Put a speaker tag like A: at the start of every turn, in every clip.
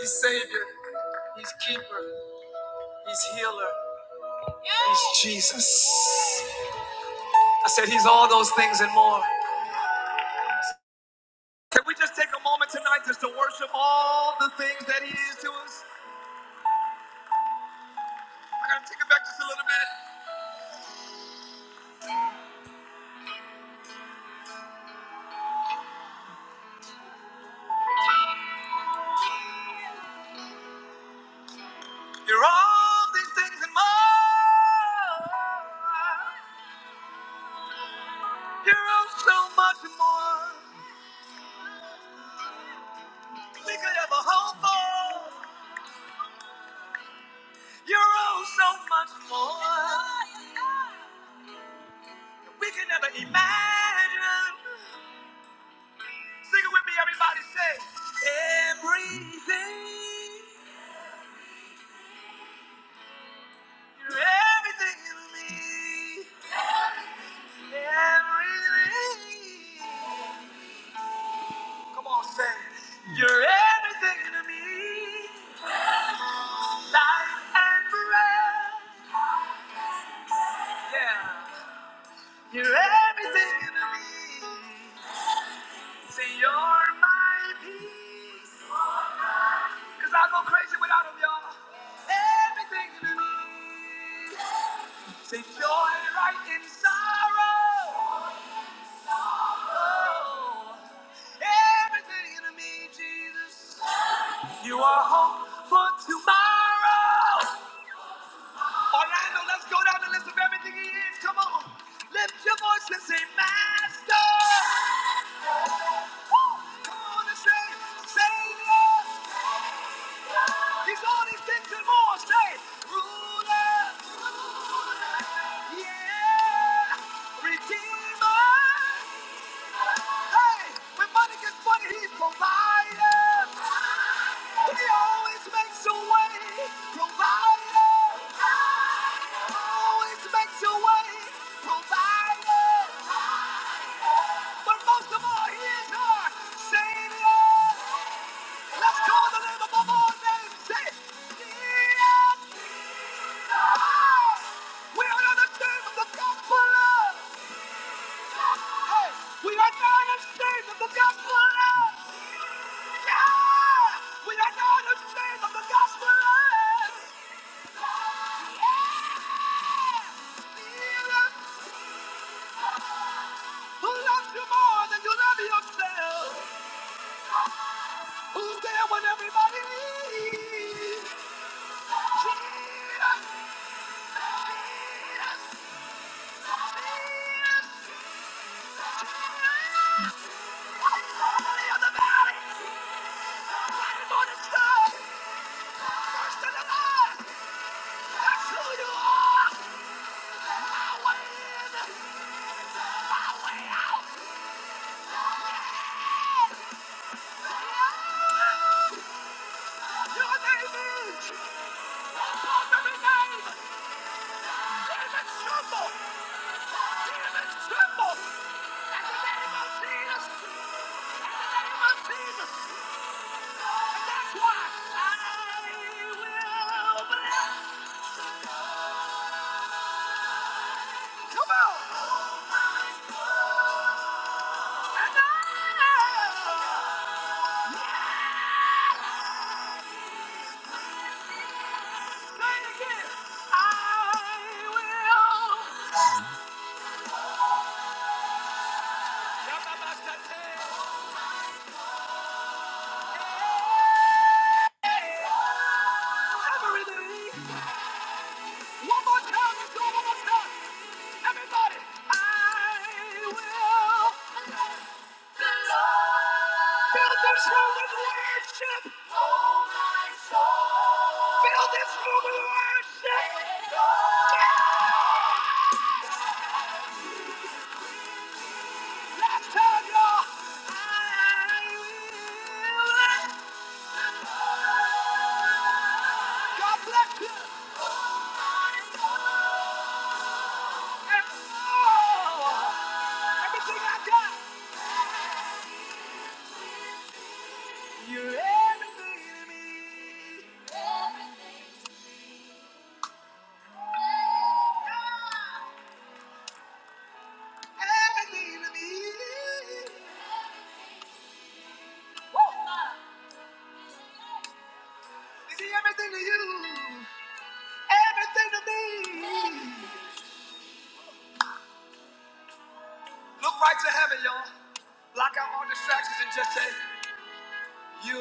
A: He's Savior. He's Keeper. He's Healer. He's Jesus. I said He's all those things and more. Can we just take a moment tonight just to worship all the things that He is to us? I gotta take it back just a little bit. You're all these things and more. You're all so much more. than We could have hope for. You're all so much more. than We could never imagine. Sing it with me, everybody. Say everything. You're everything to me. Everything. Come on, say you're everything to me. Life and breath. Yeah. You're everything to me. Say you're my peace. Cause I go crazy without 'em, y'all. Everything to me. Say joy right in sorrow. Everything in me, Jesus. You are hope for tomorrow. Orlando, let's go down the list of everything he is. Come on. Lift your voice and say, Master. Woo! Come on and say, Savior. He's all these things and more. Say, Ruler. Yeah. Redeemer. Hey, when money gets funny, he's provided. He always makes a way, provided. Always makes a way, provided. But most of all, he is our Savior. Let's call the name above all names. Say, Jesus. We are not ashamed of the gospel. Hey, we are not ashamed of the gospel. We are not ashamed of Who loves you more than you love yourself? Who's there when everybody needs? Jesus, Jesus, Jesus. Lily of the valley, bright morning star, first and the last. That's who you are. Come on! And I say it again. I will. Everything. One more time. Let's one more time. Everybody. I will fill this room with worship. Oh, my soul. Fill this room with worship. Yeah. Last time, y'all. I will. God bless you. And oh, everything I got. You're everything to me. Everything to me. Is he everything to you? Everything to me. Look right to heaven, y'all. Block out all distractions and just say, You.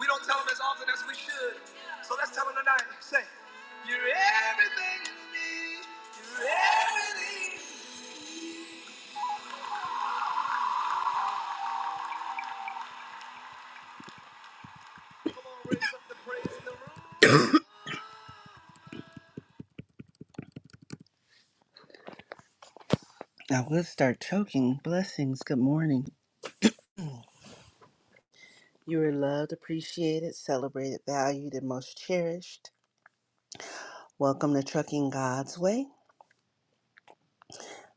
A: We don't tell them as often as we should. So let's tell them tonight. Say, You're everything to me. You're everything. The praise in the room. I will start choking. Blessings. Good morning. You are loved, appreciated, celebrated, valued, and most cherished. Welcome to Trucking God's Way,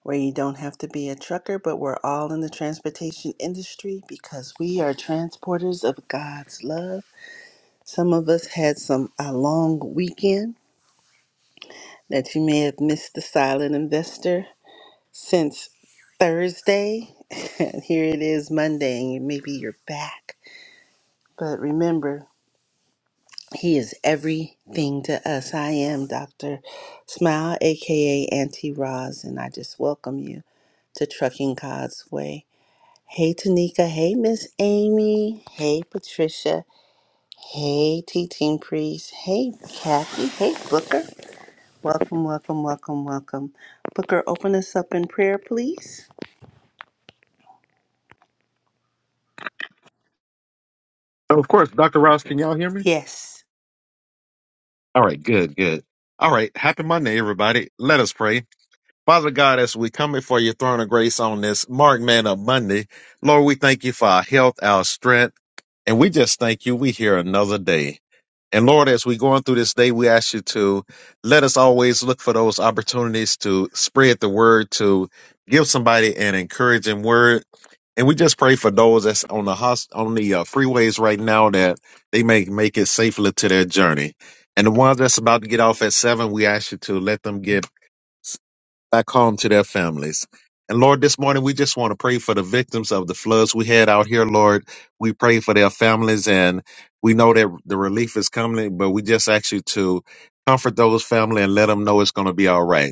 A: where you don't have to be a trucker, but we're all in the transportation industry because we are transporters of God's love. Some of us had some a long weekend that you may have missed the silent investor since Thursday. and here it is Monday, and maybe you're back. But remember, He is everything to us. I am Dr. Smile, aka Auntie Roz, and I just welcome you to Trucking God's Way. Hey Tanika, hey Miss Amy, hey Patricia, hey Teaching Priest, hey Kathy, hey Booker. Welcome, welcome, welcome, welcome. Booker, open us up in prayer, please.
B: Oh, Of course, Dr. Ross, can y'all hear me?
A: Yes.
B: All right, good, good. All right, happy Monday, everybody. Let us pray. Father God, as we come before your throne of grace on this Mark Man of Monday, Lord, we thank you for our health, our strength, and we just thank you. We hear another day. And Lord, as we're going through this day, we ask you to let us always look for those opportunities to spread the word, to give somebody an encouraging word. And we just pray for those that's on the hos- on the uh, freeways right now that they may make it safely to their journey. And the ones that's about to get off at seven, we ask you to let them get back home to their families. And Lord, this morning we just want to pray for the victims of the floods we had out here, Lord. We pray for their families and we know that the relief is coming, but we just ask you to comfort those family and let them know it's going to be all right.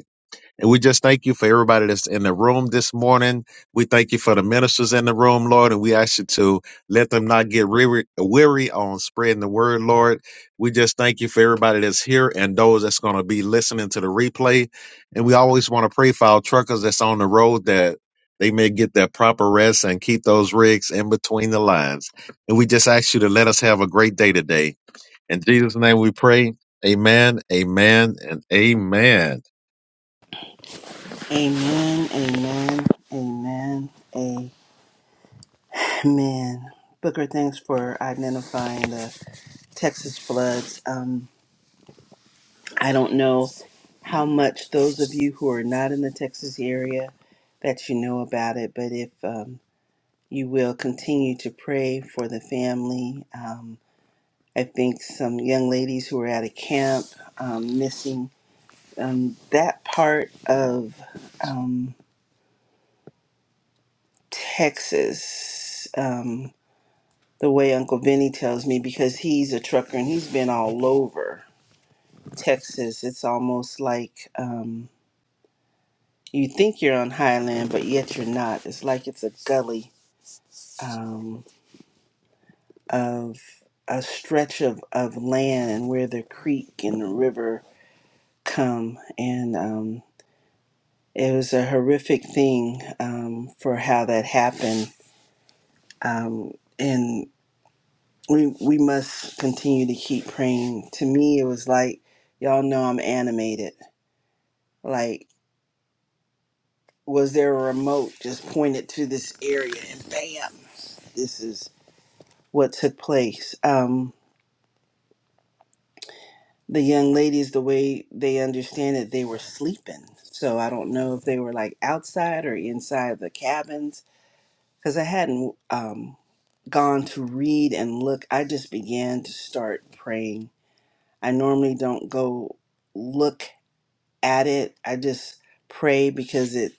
B: And we just thank you for everybody that's in the room this morning. We thank you for the ministers in the room, Lord, and we ask you to let them not get weary, weary on spreading the word, Lord. We just thank you for everybody that's here and those that's going to be listening to the replay. And we always want to pray for our truckers that's on the road that they may get their proper rest and keep those rigs in between the lines. And we just ask you to let us have a great day today. In Jesus' name we pray. Amen, amen, and amen.
A: Amen, amen, amen, amen. Booker, thanks for identifying us. Texas floods. Um, I don't know how much those of you who are not in the Texas area that you know about it, but if um, you will continue to pray for the family. Um, I think some young ladies who were at a camp um, missing um, that part of um, Texas, um, the way Uncle Vinny tells me, because he's a trucker and he's been all over Texas. It's almost like. Um, you think you're on highland, but yet you're not. It's like it's a gully um, of a stretch of, of land and where the creek and the river come. And um, it was a horrific thing um, for how that happened. Um, and we, we must continue to keep praying. To me, it was like, y'all know I'm animated. Like, was there a remote just pointed to this area and bam? This is what took place. Um, the young ladies, the way they understand it, they were sleeping. So I don't know if they were like outside or inside the cabins because I hadn't um, gone to read and look. I just began to start praying. I normally don't go look at it, I just pray because it,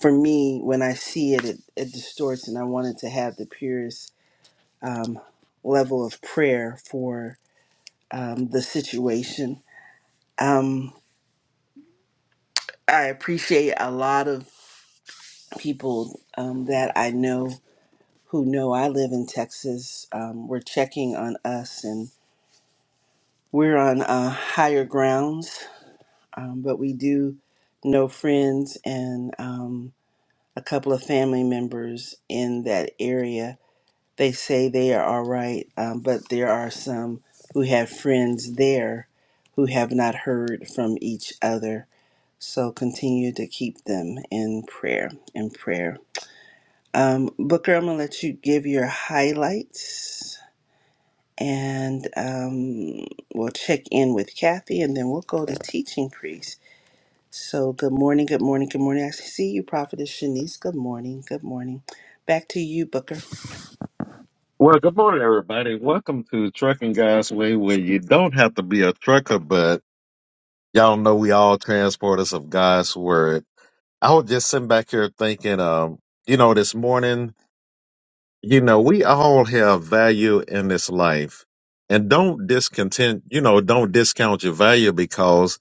A: for me, when I see it, it, it distorts, and I wanted to have the purest um, level of prayer for um, the situation Um, I appreciate a lot of people um, that I know who know I live in Texas. Um, we're checking on us, and we're on uh, higher grounds, um, but we do know friends and um, a couple of family members in that area. They say they are all right, um, but there are some who have friends there who have not heard from each other. So continue to keep them in prayer, in prayer. Um, Booker, I'm going to let you give your highlights and um, we'll check in with Kathy and then we'll go to teaching priest. So, good morning, good morning, good morning. I see you, Prophetess Shanice. Good morning, good morning. Back to you, Booker.
B: Well, good morning, everybody. Welcome to Trucking God's Way, where you don't have to be a trucker, but y'all know we all transporters of God's Word. I was just sitting back here thinking, um, you know, this morning, you know, we all have value in this life. And don't discontent, you know, don't discount your value because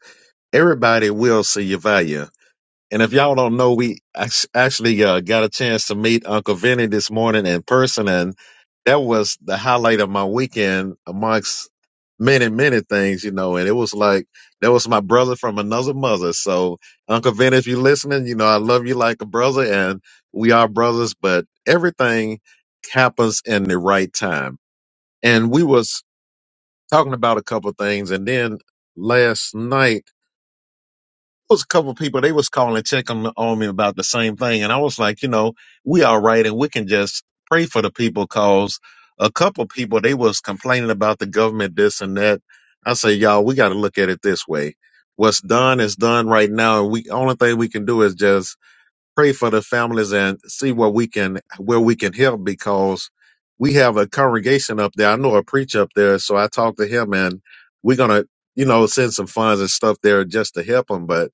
B: everybody will see your value. And if y'all don't know, we act- actually uh, got a chance to meet Uncle Vinny this morning in person, and that was the highlight of my weekend amongst many, many things, you know. And it was like that was my brother from another mother. So, Uncle Vinny, if you're listening, you know I love you like a brother, and we are brothers. But everything happens in the right time. And we was talking about a couple of things, and then last night was a couple of people they was calling checking on me about the same thing and i was like you know we all right and we can just pray for the people cause a couple of people they was complaining about the government this and that i say y'all we got to look at it this way what's done is done right now and we only thing we can do is just pray for the families and see what we can where we can help because we have a congregation up there i know a preacher up there so i talked to him and we're gonna you know send some funds and stuff there just to help them, but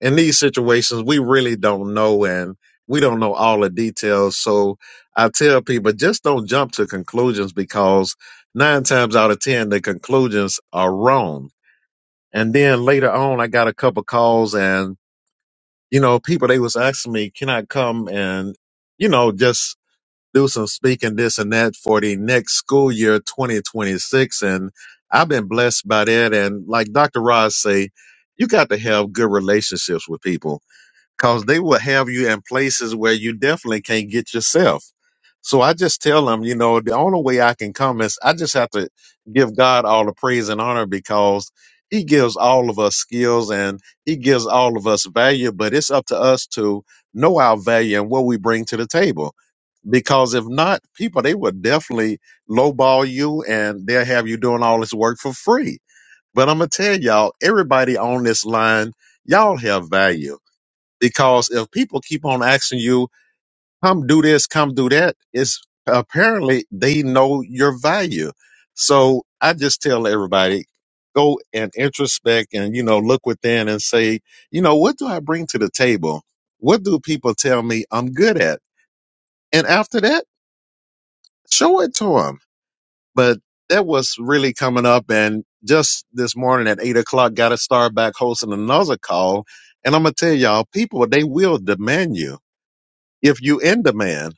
B: in these situations, we really don't know and we don't know all the details. So I tell people just don't jump to conclusions because nine times out of 10, the conclusions are wrong. And then later on, I got a couple calls and, you know, people, they was asking me, can I come and, you know, just do some speaking this and that for the next school year, 2026. And I've been blessed by that. And like Dr. Ross say, you got to have good relationships with people because they will have you in places where you definitely can't get yourself. So I just tell them, you know, the only way I can come is I just have to give God all the praise and honor because He gives all of us skills and He gives all of us value, but it's up to us to know our value and what we bring to the table. Because if not, people, they will definitely lowball you and they'll have you doing all this work for free. But I'm going to tell y'all, everybody on this line, y'all have value because if people keep on asking you, come do this, come do that, it's apparently they know your value. So I just tell everybody, go and introspect and, you know, look within and say, you know, what do I bring to the table? What do people tell me I'm good at? And after that, show it to them. But that was really coming up. And just this morning at eight o'clock, got to start back hosting another call. And I'm going to tell y'all, people, they will demand you. if you in demand.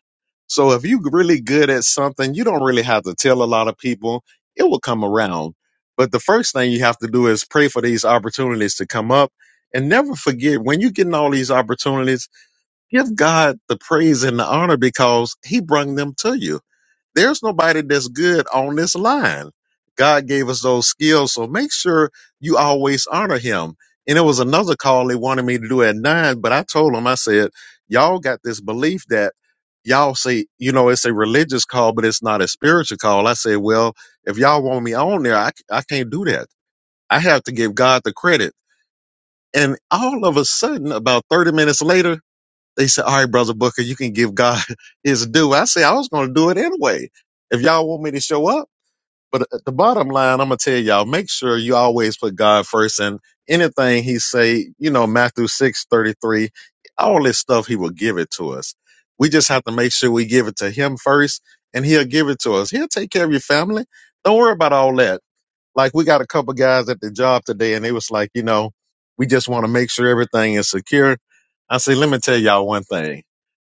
B: So if you really good at something, you don't really have to tell a lot of people. It will come around. But the first thing you have to do is pray for these opportunities to come up and never forget when you're getting all these opportunities, give God the praise and the honor because he brung them to you there's nobody that's good on this line. God gave us those skills, so make sure you always honor him. And it was another call they wanted me to do at nine, but I told them, I said, y'all got this belief that y'all say, you know, it's a religious call, but it's not a spiritual call. I said, well, if y'all want me on there, I, c- I can't do that. I have to give God the credit. And all of a sudden, about 30 minutes later, they said, all right, brother Booker, you can give God his due. I say, I was going to do it anyway. If y'all want me to show up. But at the bottom line, I'm going to tell y'all, make sure you always put God first and anything he say, you know, Matthew 6 33, all this stuff, he will give it to us. We just have to make sure we give it to him first and he'll give it to us. He'll take care of your family. Don't worry about all that. Like we got a couple guys at the job today and they was like, you know, we just want to make sure everything is secure. I say, let me tell y'all one thing.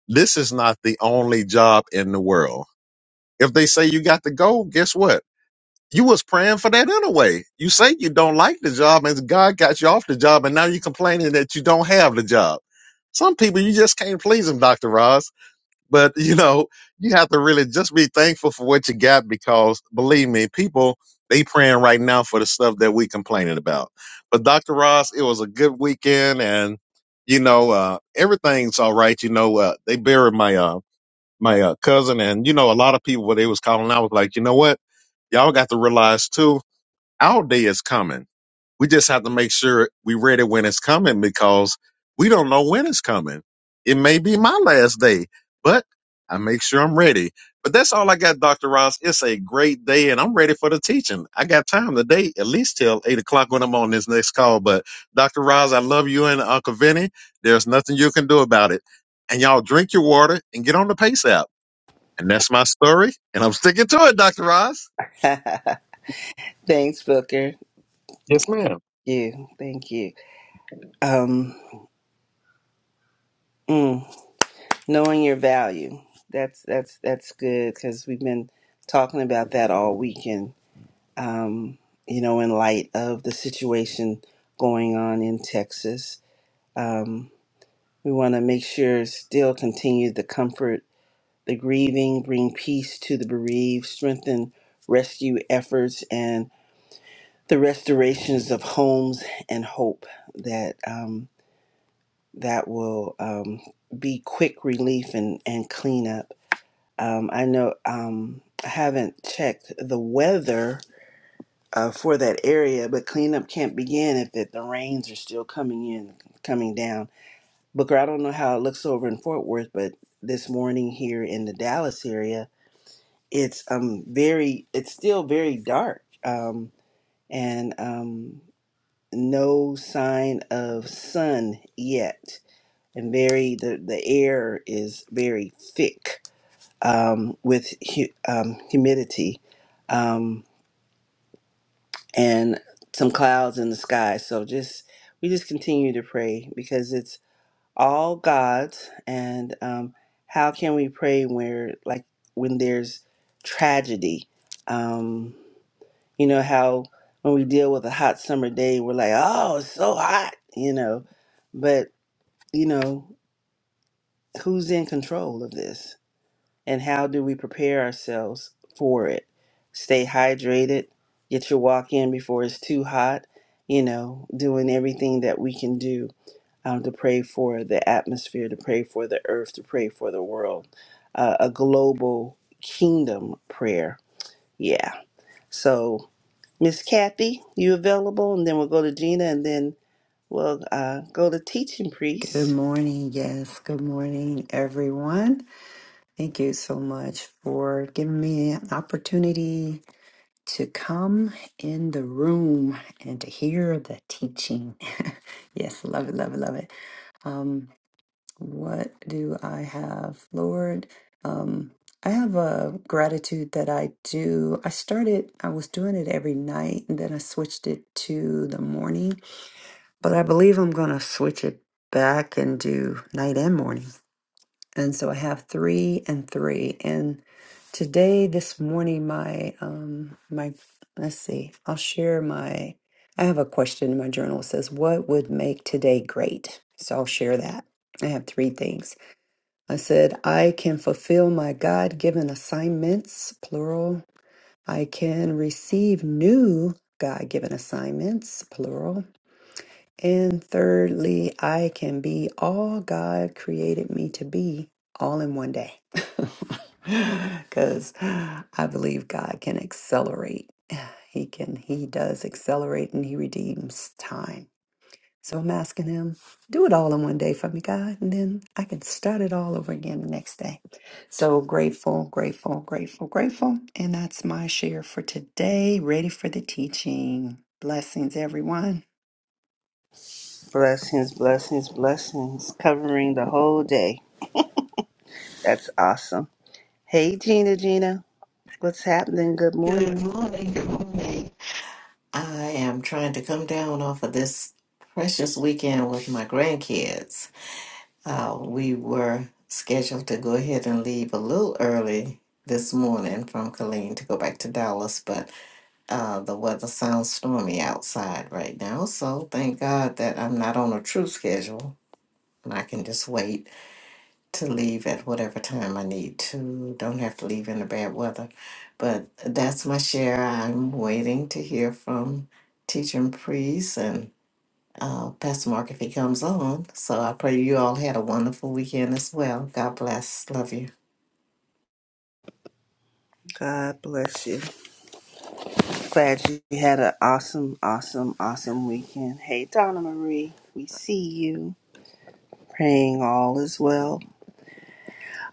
B: This is not the only job in the world. If they say you got to go, guess what? You was praying for that anyway. You say you don't like the job and God got you off the job and now you're complaining that you don't have the job. Some people you just can't please them, Dr. Ross. But you know, you have to really just be thankful for what you got because believe me, people they praying right now for the stuff that we complaining about. But Dr. Ross, it was a good weekend and you know, uh, everything's all right. You know, uh, they buried my, uh, my uh, cousin and you know a lot of people what they was calling i was like you know what y'all got to realize too our day is coming we just have to make sure we ready when it's coming because we don't know when it's coming it may be my last day but i make sure i'm ready but that's all i got dr ross it's a great day and i'm ready for the teaching i got time today at least till 8 o'clock when i'm on this next call but dr ross i love you and uncle vinny there's nothing you can do about it and y'all drink your water and get on the pace app and that's my story. And I'm sticking to it, Dr. Ross.
A: Thanks, Booker.
B: Yes, ma'am.
A: You, thank you. Um, mm, knowing your value. That's that's that's good because we've been talking about that all weekend um, you know, in light of the situation going on in Texas. Um, we want to make sure still continue the comfort, the grieving, bring peace to the bereaved, strengthen rescue efforts, and the restorations of homes and hope that um, that will um, be quick relief and and cleanup. Um, I know um, I haven't checked the weather uh, for that area, but cleanup can't begin if it, the rains are still coming in, coming down. Booker, I don't know how it looks over in Fort Worth, but this morning here in the Dallas area, it's um very, it's still very dark, um, and um, no sign of sun yet, and very the the air is very thick um, with hu- um, humidity. Um, and some clouds in the sky. So just we just continue to pray because it's all God's. And um, how can we pray where like when there's tragedy? Um, you know how when we deal with a hot summer day, we're like, oh, it's so hot, you know. But you know who's in control of this? and how do we prepare ourselves for it? Stay hydrated, get your walk in before it's too hot, you know, doing everything that we can do um, to pray for the atmosphere, to pray for the earth, to pray for the world. Uh, a global kingdom prayer. Yeah. So, Miss Kathy, you available? And then we'll go to Gina and then we'll uh, go to teaching
C: Good
A: priest.
C: morning. Yes, good morning, everyone. Thank you so much for giving me an opportunity to come in the room and to hear the teaching. yes, love it, love it, love it. Um, what do I have, Lord? Um, I have a gratitude that I do. I started, I was doing it every night, and then I switched it to the morning, but I believe I'm going to switch it back and do night and morning and so I have three and three. And today, this morning, my um my let's see, I'll share my I have a question in my journal. It says, What would make today great? So I'll share that. I have three things. I said, I can fulfill my God given assignments, plural. I can receive new God given assignments, plural. And thirdly, I can be all God created me to be all in one day. Because I believe God can accelerate. He can, He does accelerate and He redeems time. So I'm asking Him, do it all in one day for me, God, and then I can start it all over again the next day. So grateful, grateful, grateful, grateful. And that's my share for today. Ready for the teaching. Blessings, everyone.
A: Blessings, blessings, blessings, covering the whole day. That's awesome. Hey, Gina, Gina. What's happening? Good
D: Good
A: morning.
D: morning. Good morning. I am trying to come down off of this precious weekend with my grandkids. Uh, we were scheduled to go ahead and leave a little early this morning from Killeen to go back to Dallas, but uh, the weather sounds stormy outside right now. So thank God that I'm not on a true schedule and I can just wait to leave at whatever time I need to. Don't have to leave in the bad weather. But that's my share. I'm waiting to hear from Teacher and Priest and uh, Pastor Mark if he comes on. So I pray you all had a wonderful weekend as well. God bless. Love you.
A: God bless you. Glad you had an awesome, awesome, awesome weekend. Hey, Donna Marie. We see you. Praying all is well.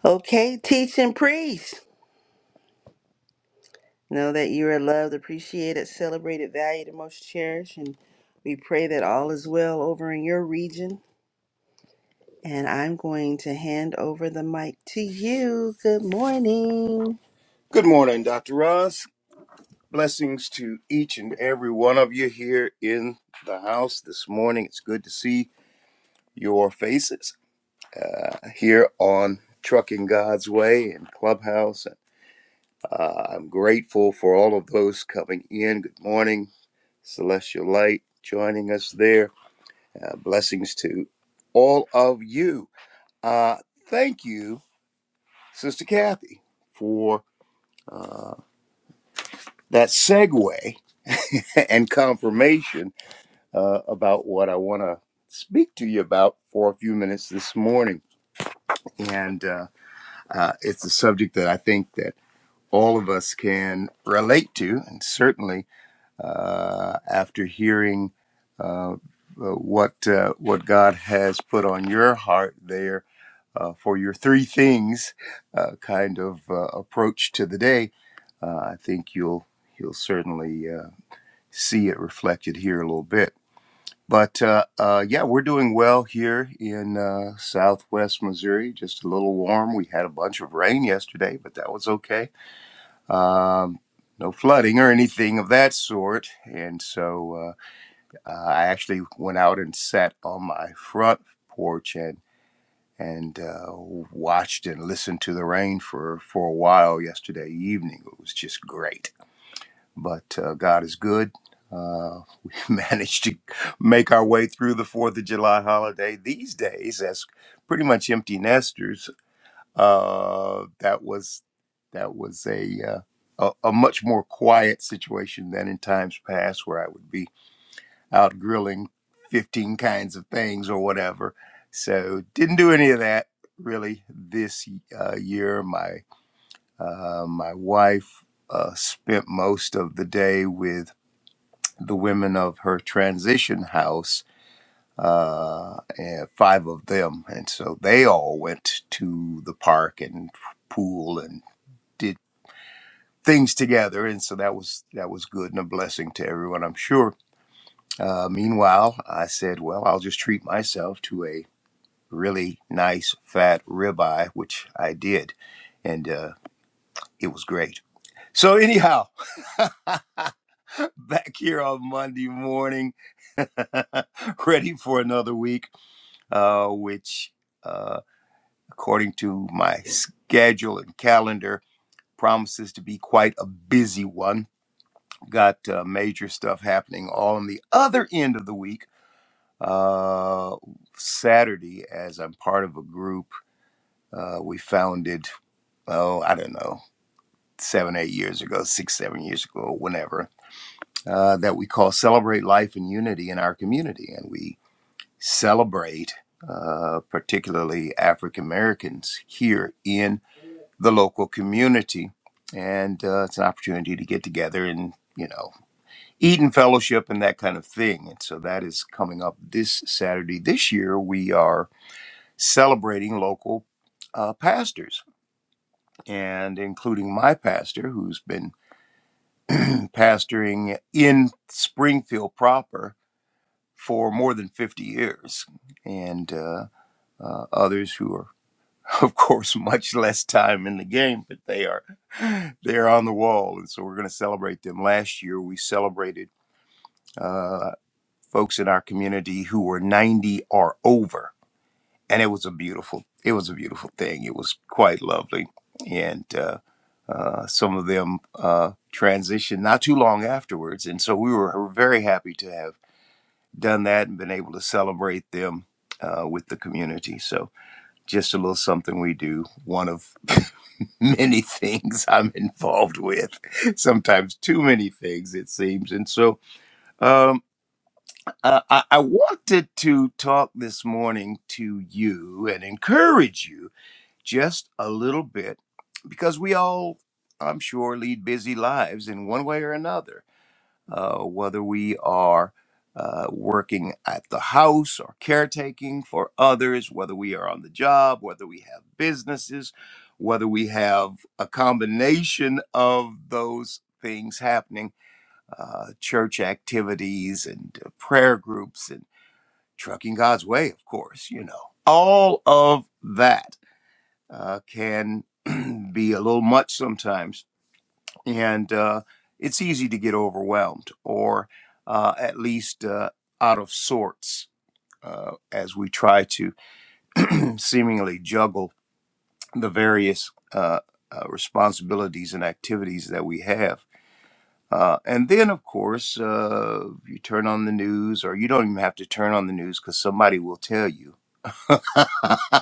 A: Okay, teach and priest. Know that you are loved, appreciated, celebrated, valued, and most cherished. And we pray that all is well over in your region. And I'm going to hand over the mic to you. Good morning.
E: Good morning, Dr. Ross. Blessings to each and every one of you here in the house this morning. It's good to see your faces uh, here on Trucking God's Way and Clubhouse. Uh, I'm grateful for all of those coming in. Good morning, Celestial Light, joining us there. Uh, blessings to all of you. Uh, thank you, Sister Kathy, for uh, that segue and confirmation uh, about what I want to speak to you about for a few minutes this morning. And uh, uh, it's a subject that I think that all of us can relate to, and certainly uh, after hearing uh, uh, what uh, what God has put on your heart there uh, for your three things uh, kind of uh, approach to the day, uh, I think you'll you'll certainly uh, see it reflected here a little bit. But uh, uh, yeah, we're doing well here in uh, Southwest Missouri. Just a little warm. We had a bunch of rain yesterday, but that was okay. Um, no flooding or anything of that sort. And so uh, uh, I actually went out and sat on my front porch and and uh, watched and listened to the rain for for a while yesterday evening. It was just great but uh, God is good. Uh, we managed to make our way through the Fourth of July holiday these days as pretty much empty nesters. Uh, that was that was a, uh, a a much more quiet situation than in times past, where I would be out grilling fifteen kinds of things or whatever. So didn't do any of that really this uh, year. My uh, my wife uh, spent most of the day with the women of her transition house, uh, and five of them. And so they all went to the park and pool and did things together. And so that was that was good and a blessing to everyone, I'm sure. Uh, meanwhile, I said, well, I'll just treat myself to a really nice fat ribeye, which I did. And uh, it was great. So, anyhow, back here on Monday morning, ready for another week uh, which, uh, according to my schedule and calendar, promises to be quite a busy one. Got uh, major stuff happening on the other end of the week. Uh, Saturday, as I'm part of a group uh, we founded, oh, I don't know, seven, eight years ago, six, seven years ago, whenever, uh, that we call Celebrate Life and Unity in Our Community. And we celebrate, uh, particularly African Americans here in the local community. And uh, it's an opportunity to get together and, you know, eat and fellowship and that kind of thing. And so that is coming up this Saturday. This year, we are celebrating local uh, pastors and including my pastor, who's been pastoring in Springfield proper for more than 50 years. And, uh, uh, others who are of course, much less time in the game, but they are they are on the wall, and so we're going to celebrate them. Last year, we celebrated uh, folks in our community who were 90 or over, and it was a beautiful it was a beautiful thing. It was quite lovely, and uh, uh, some of them uh, transitioned not too long afterwards, and so we were very happy to have done that and been able to celebrate them uh, with the community. So just a little something we do. One of many things I'm involved with, sometimes too many things, it seems. And so um, uh, I, I wanted to talk this morning to you and encourage you just a little bit because we all, I'm sure, lead busy lives in one way or another uh, whether we are uh, working at the house or caretaking for others, whether we are on the job, whether we have businesses, whether we have a combination of those things happening uh, church activities and uh, prayer groups and trucking God's way, of course, you know. All of that uh, can be a little much sometimes and uh, it's easy to get overwhelmed or uh, at least uh, out of sorts uh, as we try to seemingly juggle the various uh, uh, responsibilities and activities that we have. Uh, and then, of course, uh, you turn on the news, or you don't even have to turn on the news because somebody will tell you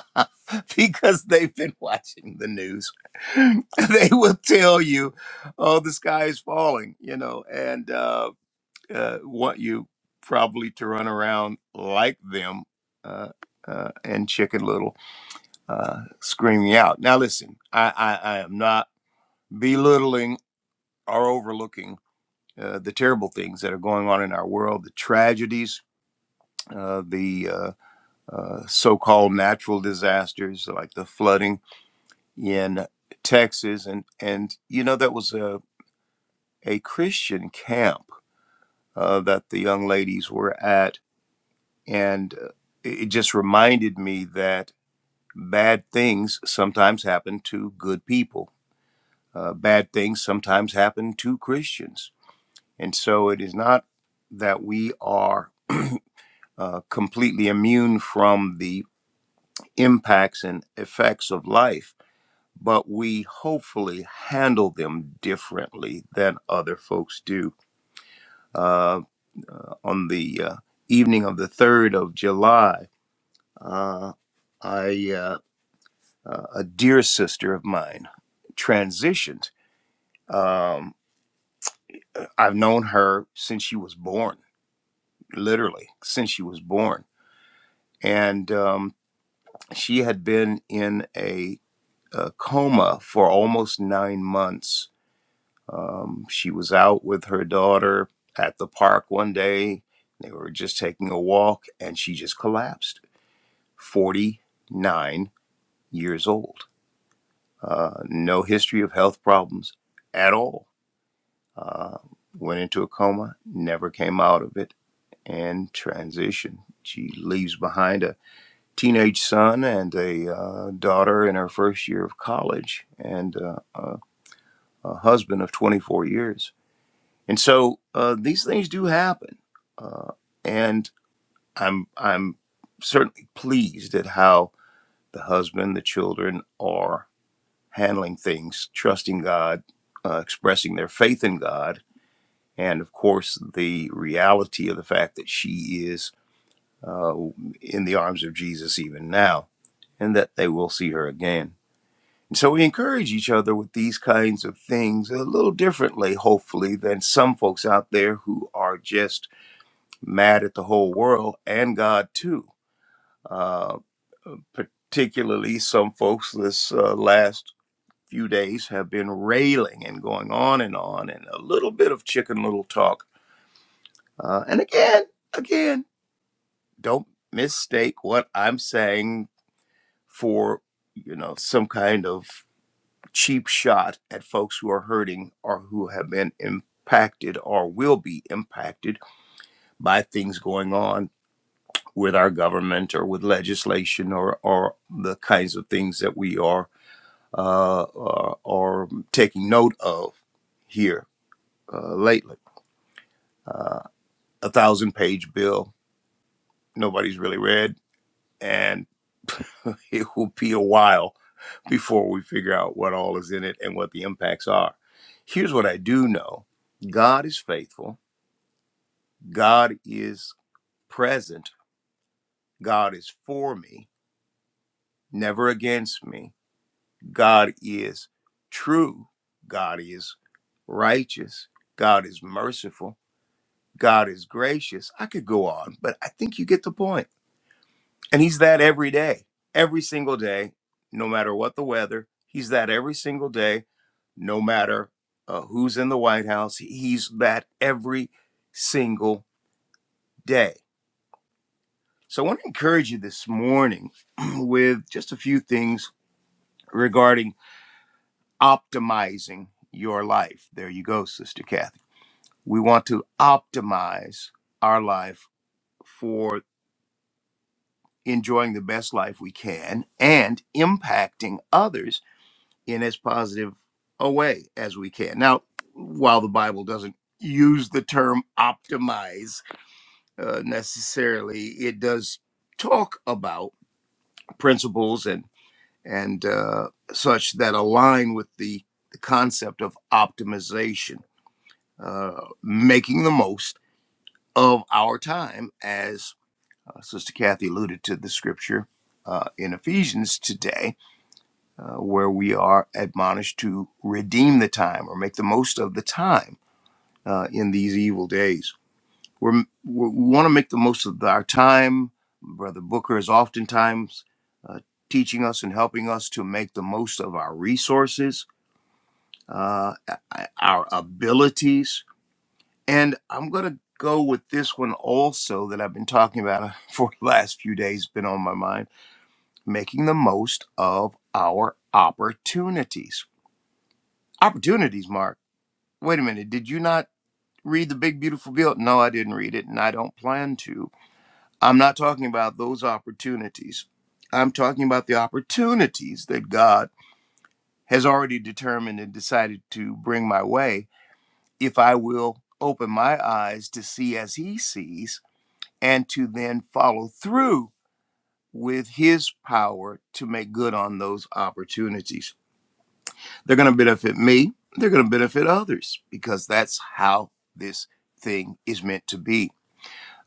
E: because they've been watching the news. they will tell you, "Oh, the sky is falling," you know, and uh, uh, want you probably to run around like them. Uh, uh, and Chicken Little uh, screaming out. Now, listen, I, I, I am not belittling or overlooking uh, the terrible things that are going on in our world, the tragedies, uh, the uh, uh, so called natural disasters like the flooding in Texas, and and you know that was a a Christian camp uh, that the young ladies were at, and uh, it it just reminded me that bad things sometimes happen to good people. Uh, bad things sometimes happen to Christians, and so it is not that we are uh, completely immune from the impacts and effects of life but we hopefully handle them differently than other folks do. Uh, uh, on the uh, evening of the 3rd of July, uh, I, uh, uh, a dear sister of mine transitioned. Um, I've known her since she was born, literally, since she was born. And um, she had been in a, a coma for almost nine months Um, she was out with her daughter at the park one day. They were just taking a walk and she just collapsed. 49 years old. Uh, no history of health problems at all. Uh, went into a coma, never came out of it, and transitioned. She leaves behind a teenage son and a uh, daughter in her first year of college and uh, a, a husband of 24 years And so uh, these things do happen, uh, and I'm I'm certainly pleased at how the husband, the children are handling things, trusting God, uh, expressing their faith in God, and of course the reality of the fact that she is uh, in the arms of Jesus even now, and that they will see her again. And so we encourage each other with these kinds of things a little differently, hopefully, than some folks out there who are just mad at the whole world and God too. Uh, particularly some folks this uh, last few days have been railing and going on and on and a little bit of chicken little talk. Uh, and again, again, don't mistake what I'm saying for you know some kind of cheap shot at folks who are hurting or who have been impacted or will be impacted by things going on with our government or with legislation or, or the kinds of things that we are, uh, are, are taking note of here uh, lately. Uh, a thousand page bill, nobody's really read, and it will be a while before we figure out what all is in it and what the impacts are. Here's what I do know God is faithful, God is present, God is for me, never against me. God is true. God is righteous. God is merciful. God is gracious. I could go on, but I think you get the point. And He's that every day, every single day, no matter what the weather. He's that every single day, no matter uh, who's in the White House. He's that every single day. So I want to encourage you this morning with just a few things regarding optimizing your life. There you go, Sister Kathy We want to optimize our life for enjoying the best life we can and impacting others in as positive a way as we can. Now, while the Bible doesn't use the term optimize uh, necessarily, it does talk about principles and and uh, such that align with the, the concept of optimization, uh, making the most of our time as Uh, Sister Kathy alluded to the scripture uh, in Ephesians today, uh, where we are admonished to redeem the time or make the most of the time uh, in these evil days. We're, we're, we want to make the most of our time. Brother Booker is oftentimes uh, teaching us and helping us to make the most of our resources, uh, our abilities. And I'm going to go with this one also that I've been talking about for the last few days, been on my mind making the most of our opportunities. Opportunities, Mark. Wait a minute. Did you not read the Big Beautiful Bill? No, I didn't read it, and I don't plan to. I'm not talking about those opportunities. I'm talking about the opportunities that God has already determined and decided to bring my way if I will open my eyes to see as He sees and to then follow through with His power to make good on those opportunities. They're going to benefit me. They're going to benefit others because that's how this thing is meant to be.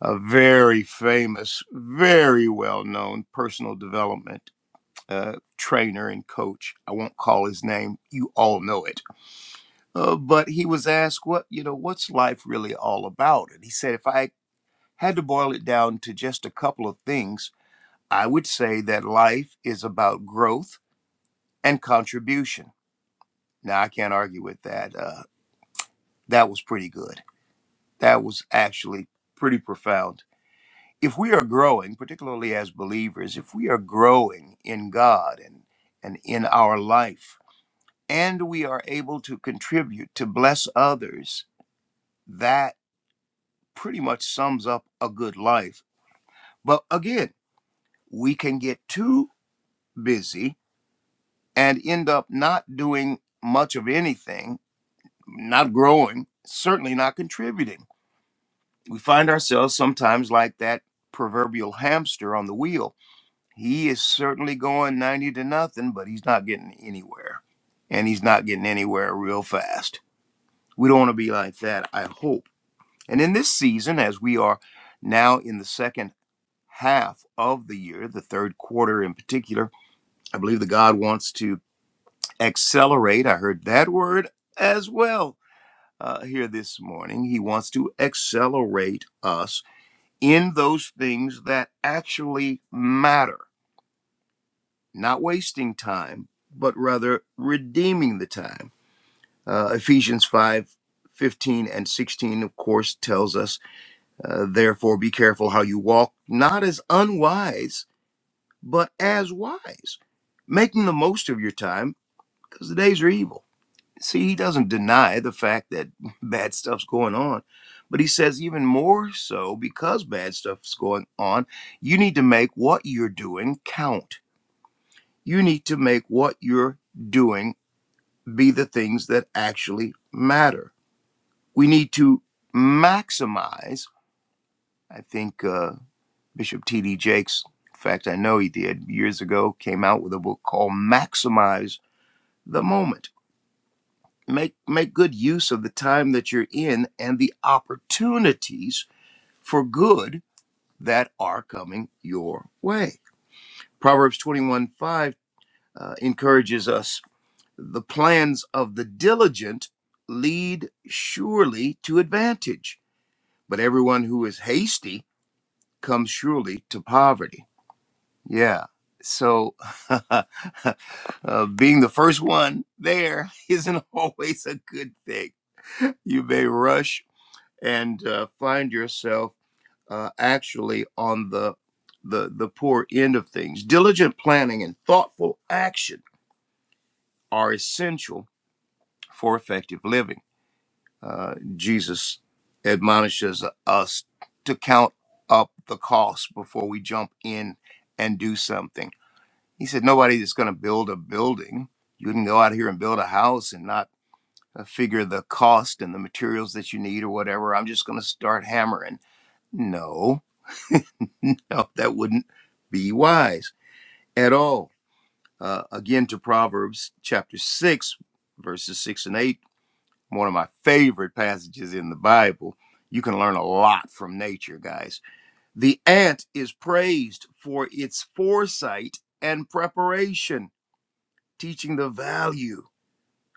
E: A very famous, very well known personal development uh, trainer and coach. I won't call his name. You all know it. Uh, but he was asked, what, you know, what's life really all about? And he said, if I had to boil it down to just a couple of things, I would say that life is about growth and contribution. Now, I can't argue with that. Uh, that was pretty good That was actually pretty profound. If we are growing, particularly as believers, if we are growing in God and, and in our life, and we are able to contribute to bless others, that pretty much sums up a good life. But again, we can get too busy and end up not doing much of anything, not growing, certainly not contributing. We find ourselves sometimes like that proverbial hamster on the wheel He is certainly going 90 to nothing, but he's not getting anywhere. And he's not getting anywhere real fast. We don't want to be like that, I hope. And in this season, as we are now in the second half of the year, the third quarter in particular, I believe that God wants to accelerate. I heard that word as well uh, here this morning. He wants to accelerate us in those things that actually matter not wasting time, but rather redeeming the time. Uh, Ephesians 5, 15 and 16, of course, tells us, uh, therefore, be careful how you walk, not as unwise, but as wise, making the most of your time because the days are evil. See, he doesn't deny the fact that bad stuff's going on, but he says, even more so, because bad stuff's going on, you need to make what you're doing count. You need to make what you're doing be the things that actually matter. We need to maximize, I think uh, Bishop T.D. Jakes, in fact, I know he did years ago, came out with a book called Maximize the Moment. Make, make good use of the time that you're in and the opportunities for good that are coming your way. Proverbs 21 5 uh, encourages us the plans of the diligent lead surely to advantage but everyone who is hasty comes surely to poverty. Yeah. So uh, being the first one there isn't always a good thing. You may rush and uh, find yourself uh, actually on the the the poor end of things. Diligent planning and thoughtful action are essential for effective living. Uh, Jesus admonishes us to count up the cost before we jump in and do something. He said, Nobody is going to build a building. You can go out here and build a house and not uh, figure the cost and the materials that you need or whatever. I'm just going to start hammering. No, no, that wouldn't be wise at all. Uh, again, to Proverbs chapter 6, verses 6 and 8 one of my favorite passages in the Bible. You can learn a lot from nature, guys. The ant is praised for its foresight and preparation, teaching the value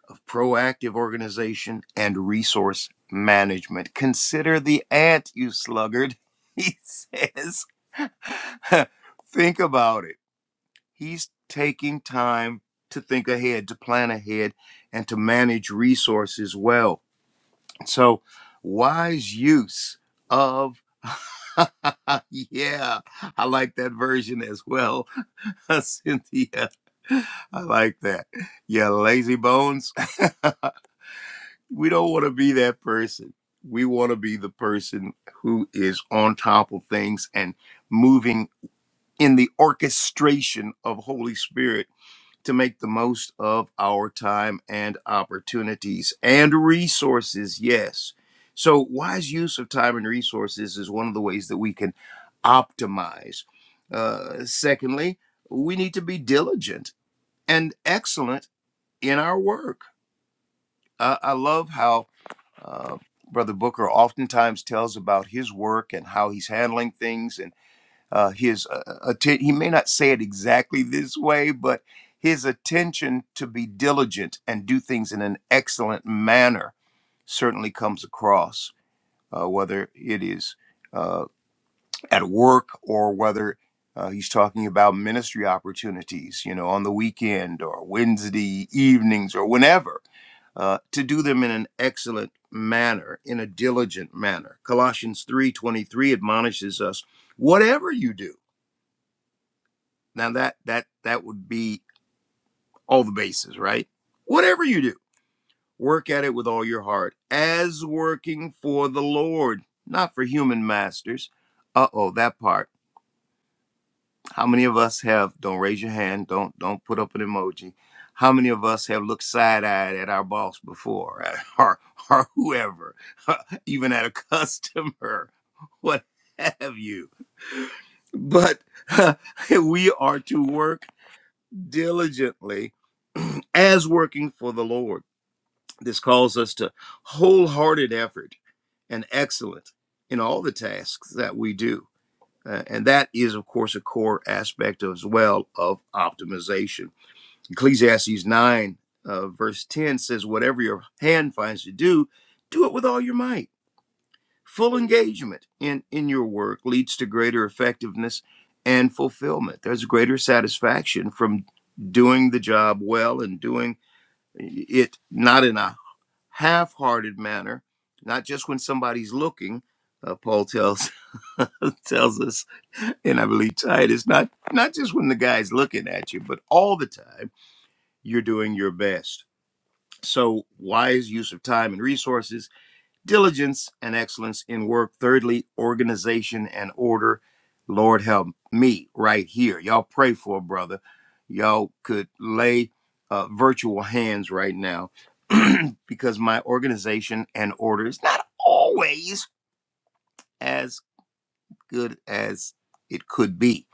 E: of proactive organization and resource management. Consider the ant, you sluggard, he says. think about it. He's taking time to think ahead, to plan ahead, and to manage resources well. So, wise use of, yeah, I like that version as well, Cynthia. I like that. Yeah, lazy bones. we don't want to be that person. We want to be the person who is on top of things and moving in the orchestration of Holy Spirit to make the most of our time and opportunities and resources, yes. So, wise use of time and resources is one of the ways that we can optimize. Uh, secondly, we need to be diligent and excellent in our work. Uh, I love how uh, Brother Booker oftentimes tells about his work and how he's handling things and uh, his uh, uh, atten- he may not say it exactly this way but his attention to be diligent and do things in an excellent manner certainly comes across uh, whether it is uh, at work or whether uh, he's talking about ministry opportunities you know on the weekend or wednesday evenings or whenever uh, to do them in an excellent manner in a diligent manner colossians 3.23 admonishes us whatever you do now that that that would be all the bases, right? Whatever you do, work at it with all your heart, as working for the Lord, not for human masters. Uh-oh, that part. How many of us have, don't raise your hand, don't don't put up an emoji. How many of us have looked side-eyed at our boss before or or whoever, even at a customer, what have you? But we are to work diligently as working for the Lord. This calls us to wholehearted effort and excellence in all the tasks that we do. Uh, and that is, of course, a core aspect as well of optimization. Ecclesiastes 9, uh, verse 10 says, Whatever your hand finds to do, do it with all your might. Full engagement in, in your work leads to greater effectiveness and fulfillment. There's greater satisfaction from doing the job well and doing it not in a half-hearted manner, not just when somebody's looking. Uh, Paul tells tells us, and I believe Titus, not not just when the guy's looking at you, but all the time you're doing your best. So wise use of time and resources diligence and excellence in work. Thirdly, organization and order. Lord help me right here. Y'all pray for a brother. Y'all could lay uh, virtual hands right now because my organization and order is not always as good as it could be.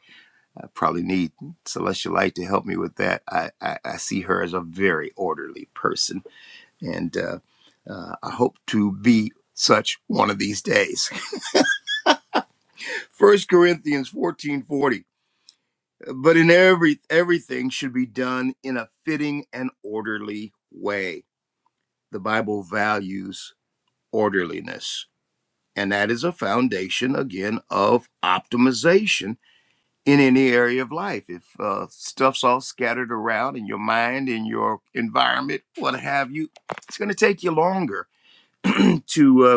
E: I probably need Celestial Light to help me with that. I, I, I see her as a very orderly person, and uh, uh, I hope to be such one of these days. First Corinthians 14 40, But in every everything should be done in a fitting and orderly way. The Bible values orderliness. And that is a foundation again of optimization in any area of life. If uh, stuff's all scattered around in your mind, in your environment, what have you, it's going to take you longer to uh,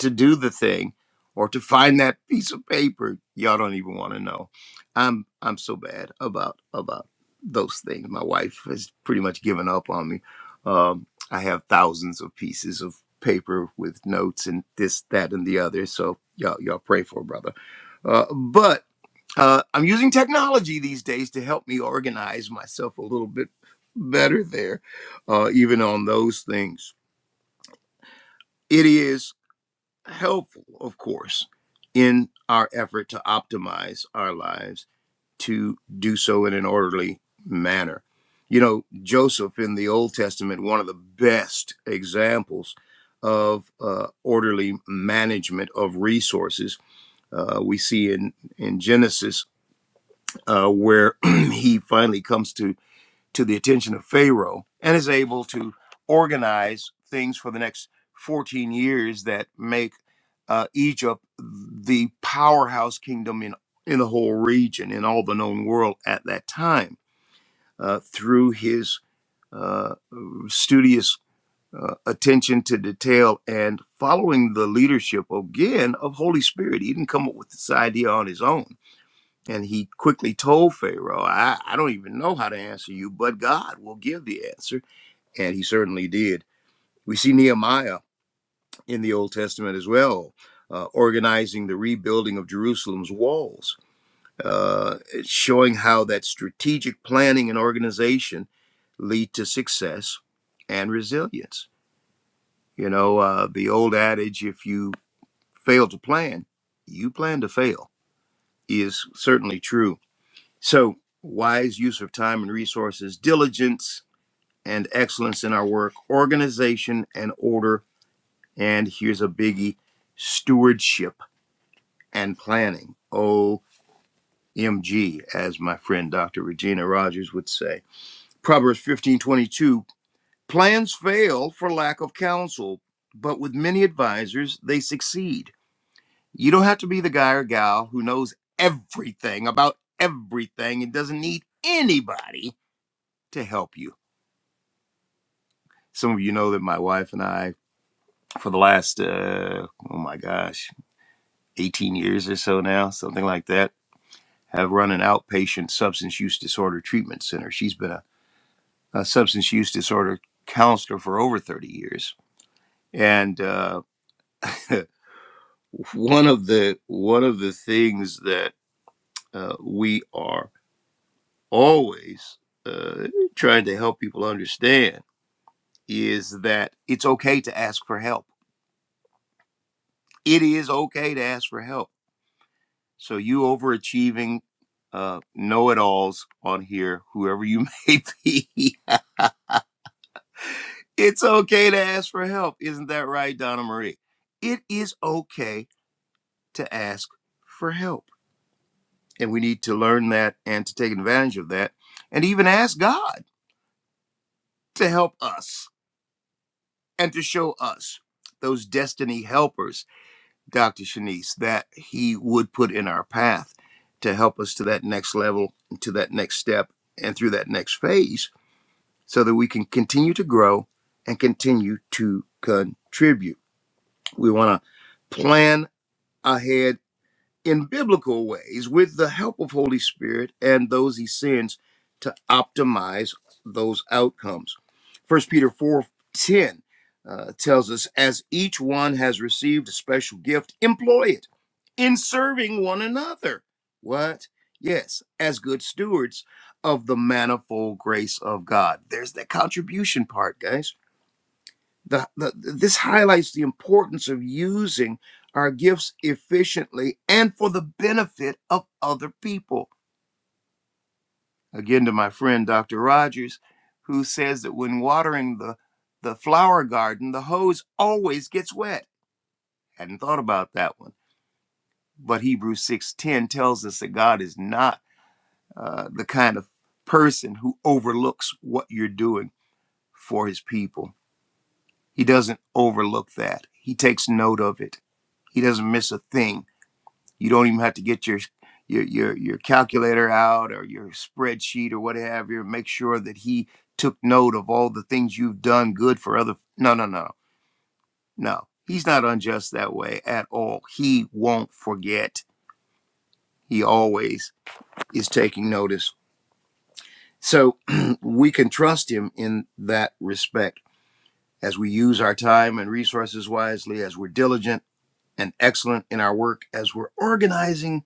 E: to do the thing or to find that piece of paper y'all don't even want to know i'm i'm so bad about about those things my wife has pretty much given up on me um, i have thousands of pieces of paper with notes and this that and the other so y'all y'all pray for a brother uh, but uh, i'm using technology these days to help me organize myself a little bit better there uh, even on those things it is helpful, of course, in our effort to optimize our lives to do so in an orderly manner. You know, Joseph in the Old Testament, one of the best examples of uh, orderly management of resources. Uh, we see in in Genesis uh, where he finally comes to to the attention of Pharaoh and is able to organize things for the next 14 years that make uh, Egypt the powerhouse kingdom in, in the whole region, in all the known world at that time, uh, through his uh, studious uh, attention to detail and following the leadership again of Holy Spirit. He didn't come up with this idea on his own and he quickly told Pharaoh, I, I don't even know how to answer you, but God will give the answer and he certainly did. We see Nehemiah in the Old Testament as well, uh, organizing the rebuilding of Jerusalem's walls, uh, showing how that strategic planning and organization lead to success and resilience. You know, uh, the old adage, if you fail to plan, you plan to fail, is certainly true. So, wise use of time and resources, diligence and excellence in our work, organization and order And here's a biggie stewardship and planning. OMG, as my friend Dr. Regina Rogers would say. Proverbs 15:22. plans fail for lack of counsel, but with many advisors, they succeed. You don't have to be the guy or gal who knows everything about everything and doesn't need anybody to help you. Some of you know that my wife and I, for the last, uh, oh my gosh, 18 years or so now, something like that have run an outpatient substance use disorder treatment center. She's been a, a substance use disorder counselor for over 30 years. And uh, one of the one of the things that uh, we are always uh, trying to help people understand is that it's okay to ask for help. It is okay to ask for help. So you overachieving uh, know-it-alls on here, whoever you may be, It's okay to ask for help. Isn't that right, Donna Marie? It is okay to ask for help. And we need to learn that and to take advantage of that and even ask God to help us and to show us those destiny helpers, Dr. Shanice, that He would put in our path to help us to that next level, to that next step, and through that next phase so that we can continue to grow and continue to contribute. We want to plan ahead in biblical ways with the help of Holy Spirit and those he sends to optimize those outcomes. First Peter 4:10 uh, tells us as each one has received a special gift, employ it in serving one another. What? Yes, as good stewards of the manifold grace of God. There's that contribution part, guys the, the, this highlights the importance of using our gifts efficiently and for the benefit of other people. Again, to my friend Dr. Rogers, who says that when watering the, the flower garden, the hose always gets wet. Hadn't thought about that one. But Hebrews 6:10 tells us that God is not uh, the kind of person who overlooks what you're doing for his people. He doesn't overlook that. He takes note of it. He doesn't miss a thing You don't even have to get your your your your calculator out or your spreadsheet or whatever. Make sure that he took note of all the things you've done good for other. No, no, no, no. He's not unjust that way at all. He won't forget. He always is taking notice. So we can trust him in that respect as we use our time and resources wisely, as we're diligent and excellent in our work, as we're organizing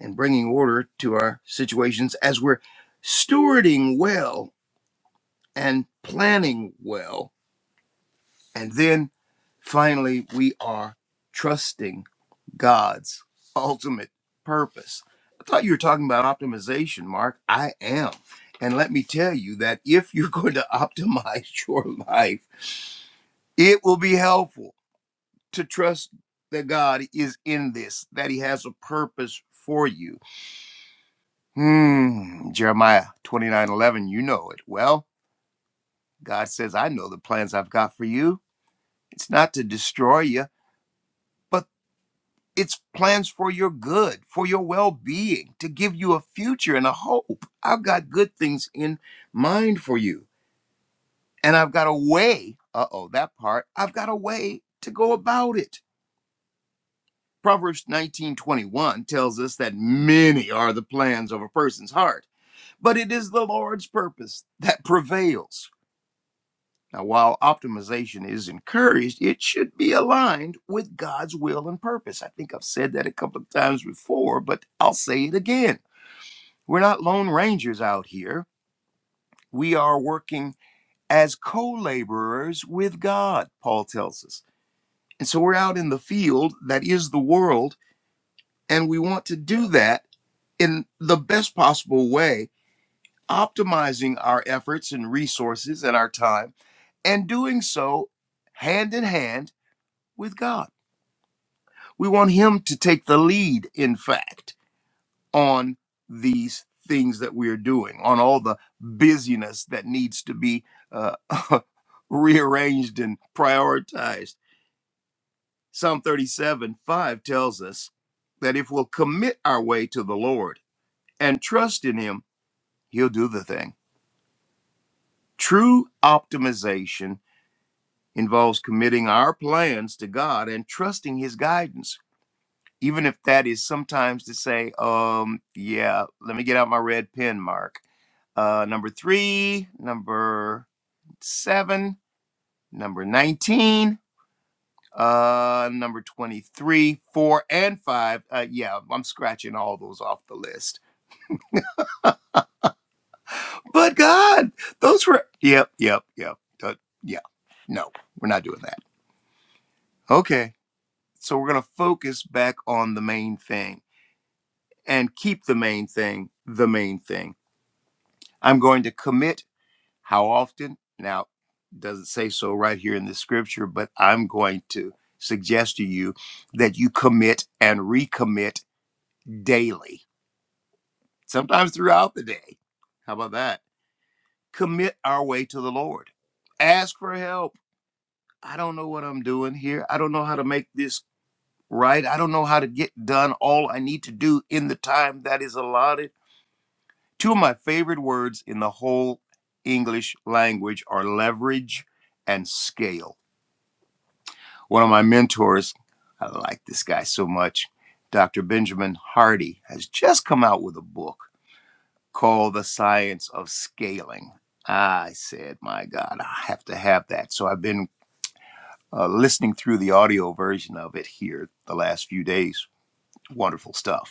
E: and bringing order to our situations as we're stewarding well and planning well. And then finally, we are trusting God's ultimate purpose. I thought you were talking about optimization, Mark. I am. And let me tell you that if you're going to optimize your life, it will be helpful to trust that God is in this, that He has a purpose for you Hmm, Jeremiah 29:11, you know it. Well, God says, I know the plans I've got for you. It's not to destroy you, but it's plans for your good, for your well being, to give you a future and a hope. I've got good things in mind for you. And I've got a way, uh oh, that part, I've got a way to go about it. Proverbs 19:21 tells us that many are the plans of a person's heart, but it is the Lord's purpose that prevails. Now, while optimization is encouraged, it should be aligned with God's will and purpose. I think I've said that a couple of times before, but I'll say it again. We're not lone rangers out here. We are working as co laborers with God, Paul tells us. And so we're out in the field that is the world, and we want to do that in the best possible way, optimizing our efforts and resources and our time, and doing so hand in hand with God. We want him to take the lead, in fact, on these things that we are doing, on all the busyness that needs to be uh, rearranged and prioritized. Psalm 37 5 tells us that if we'll commit our way to the Lord and trust in him, he'll do the thing. True optimization involves committing our plans to God and trusting his guidance. even if that is sometimes to say, um, yeah, let me get out my red pen, Mark. Uh, number three, number seven, number 19, uh, number 23, four, and five. Uh, yeah, I'm scratching all those off the list. But God, those were, yep, yep, yep. Uh, yeah, no, we're not doing that. Okay, so we're going to focus back on the main thing and keep the main thing the main thing. I'm going to commit How often? Now, doesn't say so right here in the scripture, but I'm going to suggest to you that you commit and recommit daily, sometimes throughout the day. How about that? Commit our way to the Lord. Ask for help. I don't know what I'm doing here. I don't know how to make this right. I don't know how to get done all I need to do in the time that is allotted. Two of my favorite words in the whole English language are leverage and scale One of my mentors, I like this guy so much, Dr. Benjamin Hardy, has just come out with a book called The Science of Scaling. I said, my God, I have to have that. So I've been uh, listening through the audio version of it here the last few days. Wonderful stuff.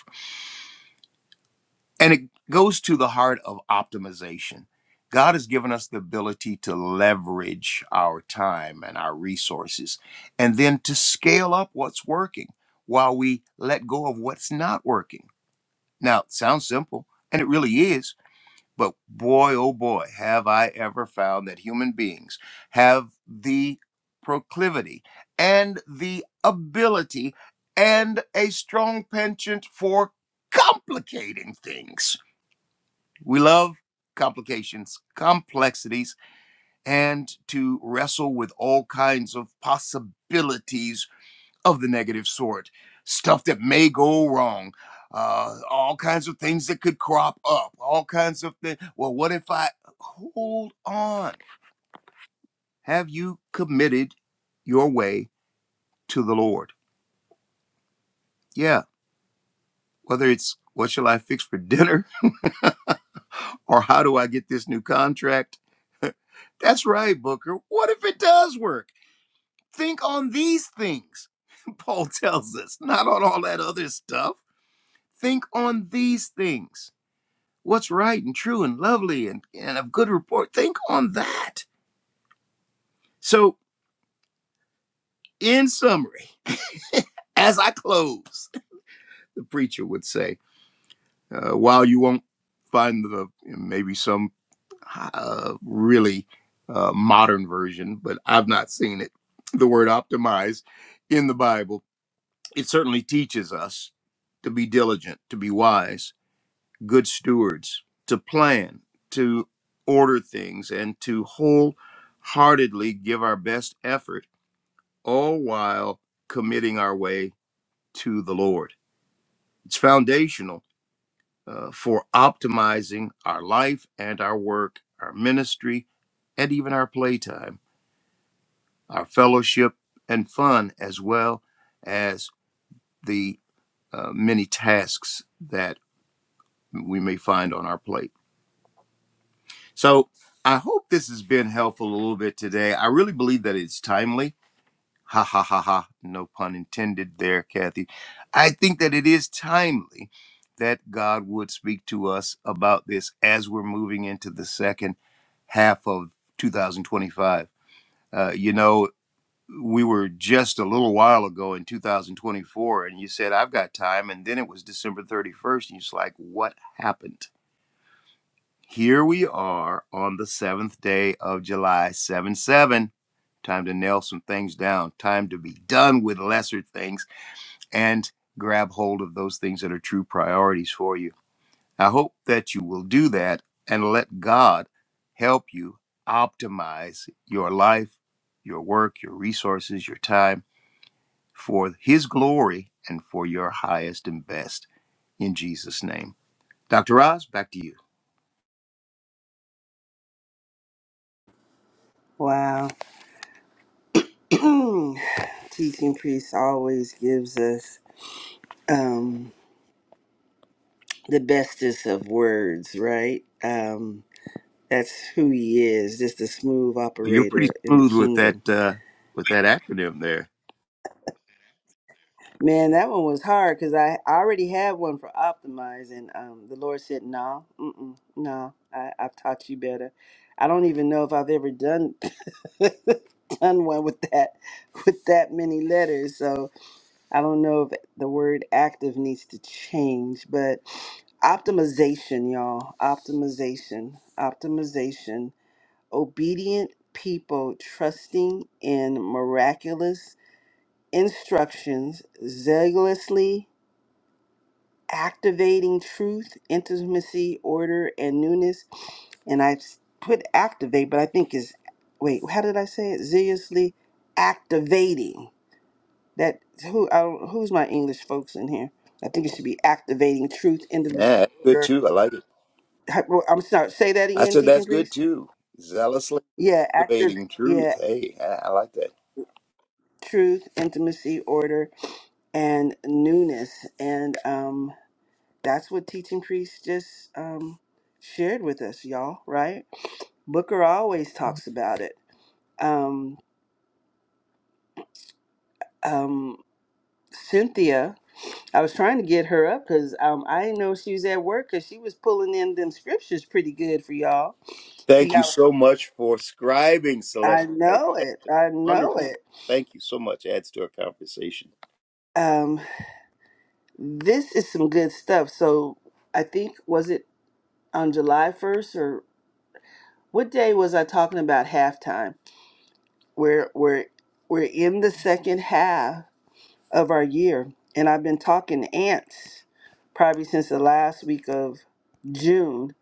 E: And it goes to the heart of optimization. God has given us the ability to leverage our time and our resources and then to scale up what's working while we let go of what's not working. Now, it sounds simple, and it really is, but boy, oh boy, have I ever found that human beings have the proclivity and the ability and a strong penchant for complicating things we love complications, complexities, and to wrestle with all kinds of possibilities of the negative sort, stuff that may go wrong. Uh, all kinds of things that could crop up, all kinds of things. Well, what if I hold on? Have you committed your way to the Lord? Yeah, whether it's what shall I fix for dinner or how do I get this new contract? That's right, Booker. What if it does work? Think on these things, Paul tells us, not on all that other stuff. Think on these things. What's right and true and lovely and, and of good report. Think on that. So, in summary, as I close, the preacher would say, uh, while you won't find the maybe some uh, really uh, modern version, but I've not seen it, the word optimize in the Bible It certainly teaches us to be diligent, to be wise, good stewards, to plan, to order things, and to wholeheartedly give our best effort, all while committing our way to the Lord. It's foundational uh, for optimizing our life and our work, our ministry, and even our playtime, our fellowship and fun, as well as the uh, many tasks that we may find on our plate. So I hope this has been helpful a little bit today. I really believe that it's timely. Ha ha ha ha. No pun intended there, Kathy. I think that it is timely that God would speak to us about this as we're moving into the second half of 2025. Uh, you know, we were just a little while ago in 2024, and you said, I've got time. And then it was December 31st, and you're just like, what happened? Here we are on the seventh day of July, 7 7. Time to nail some things down. Time to be done with lesser things and grab hold of those things that are true priorities for you. I hope that you will do that and let God help you optimize your life, your work, your resources, your time for His glory and for your highest and best in Jesus' name. Dr. Oz, back to you.
A: Wow. Teaching priest always gives us um, the bestest of words, right? Um, that's who he is, just a smooth
E: You're pretty
A: operator in the
E: smooth with that
A: kingdom.
E: uh, with that acronym there.
A: Man, that one was hard because I I already had one for optimize, and um, the Lord said, "No, mm-mm, no, I, I've taught you better." I don't even know if I've ever done done one with that with that many letters. So I don't know if the word active needs to change, but optimization, y'all. Optimization, optimization. Obedient people trusting in miraculous instructions, zealously activating truth, intimacy, order, and newness. And I put activate, but I think is, wait, how did I say it? Zealously activating that who I don't, who's my English folks in here? I think it should be activating truth,
E: Yeah,
A: intimacy,
E: that's good
A: order.
E: too. I like it.
A: Hy- well, I'm sorry. Say that
E: I
A: again,
E: said that's
A: teaching
E: good
A: priest.
E: too. Zealously
A: Yeah, active.
E: cultivating truth.
A: Yeah,
E: Hey, I, I like that.
A: truth, intimacy, order, and newness, and um, that's what teaching priest just um shared with us, y'all. Right? Booker always talks about it. Um, um, Cynthia. I was trying to get her up because um, I didn't know she was at work because she was pulling in them scriptures pretty good for y'all
E: Thank you
A: Yeah,
E: so much for scribing,
A: I
E: Celeste. Hey,
A: know
E: that's
A: it. I
E: wonderful.
A: know it.
E: Thank you so much. Adds to our conversation.
A: Um, this is some good stuff. So I think was it on July first or what day was I talking about halftime? we're we're we're in the second half of our year, and I've been talking ants probably since the last week of June.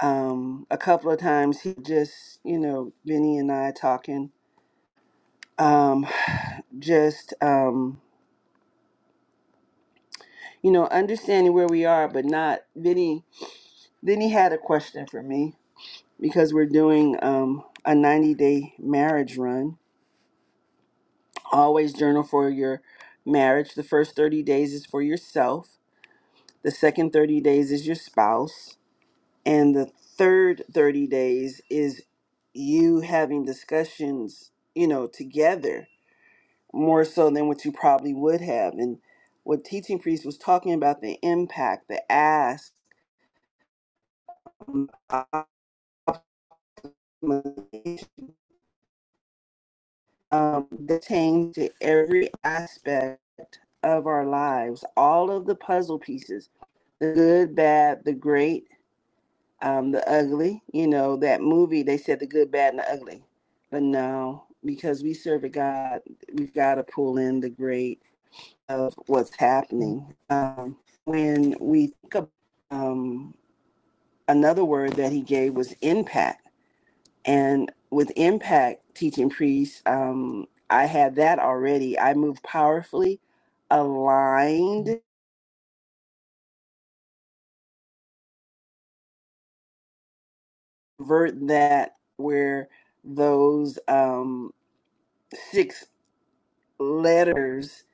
A: Um, a couple of times he just you know Vinny and I talking. Um, just um you know, understanding where we are, but not. Vinny, Vinny had a question for me because we're doing um, a 90 day marriage run. Always journal for your marriage. The first 30 days is for yourself, the second 30 days is your spouse, and the third 30 days is you having discussions, you know, together more so than what you probably would have. And what Teaching Priest was talking about the impact, the ask, um, detained to every aspect of our lives, all of the puzzle pieces, the good, bad, the great, um, the ugly. You know, that movie, they said the good, bad, and the ugly. But no, because we serve a God, we've got to pull in the great of what's happening. Um, when we think of um, another word that he gave was impact And with Impact Teaching priests, um, I had that already. I moved powerfully aligned, vert that where those um, six letters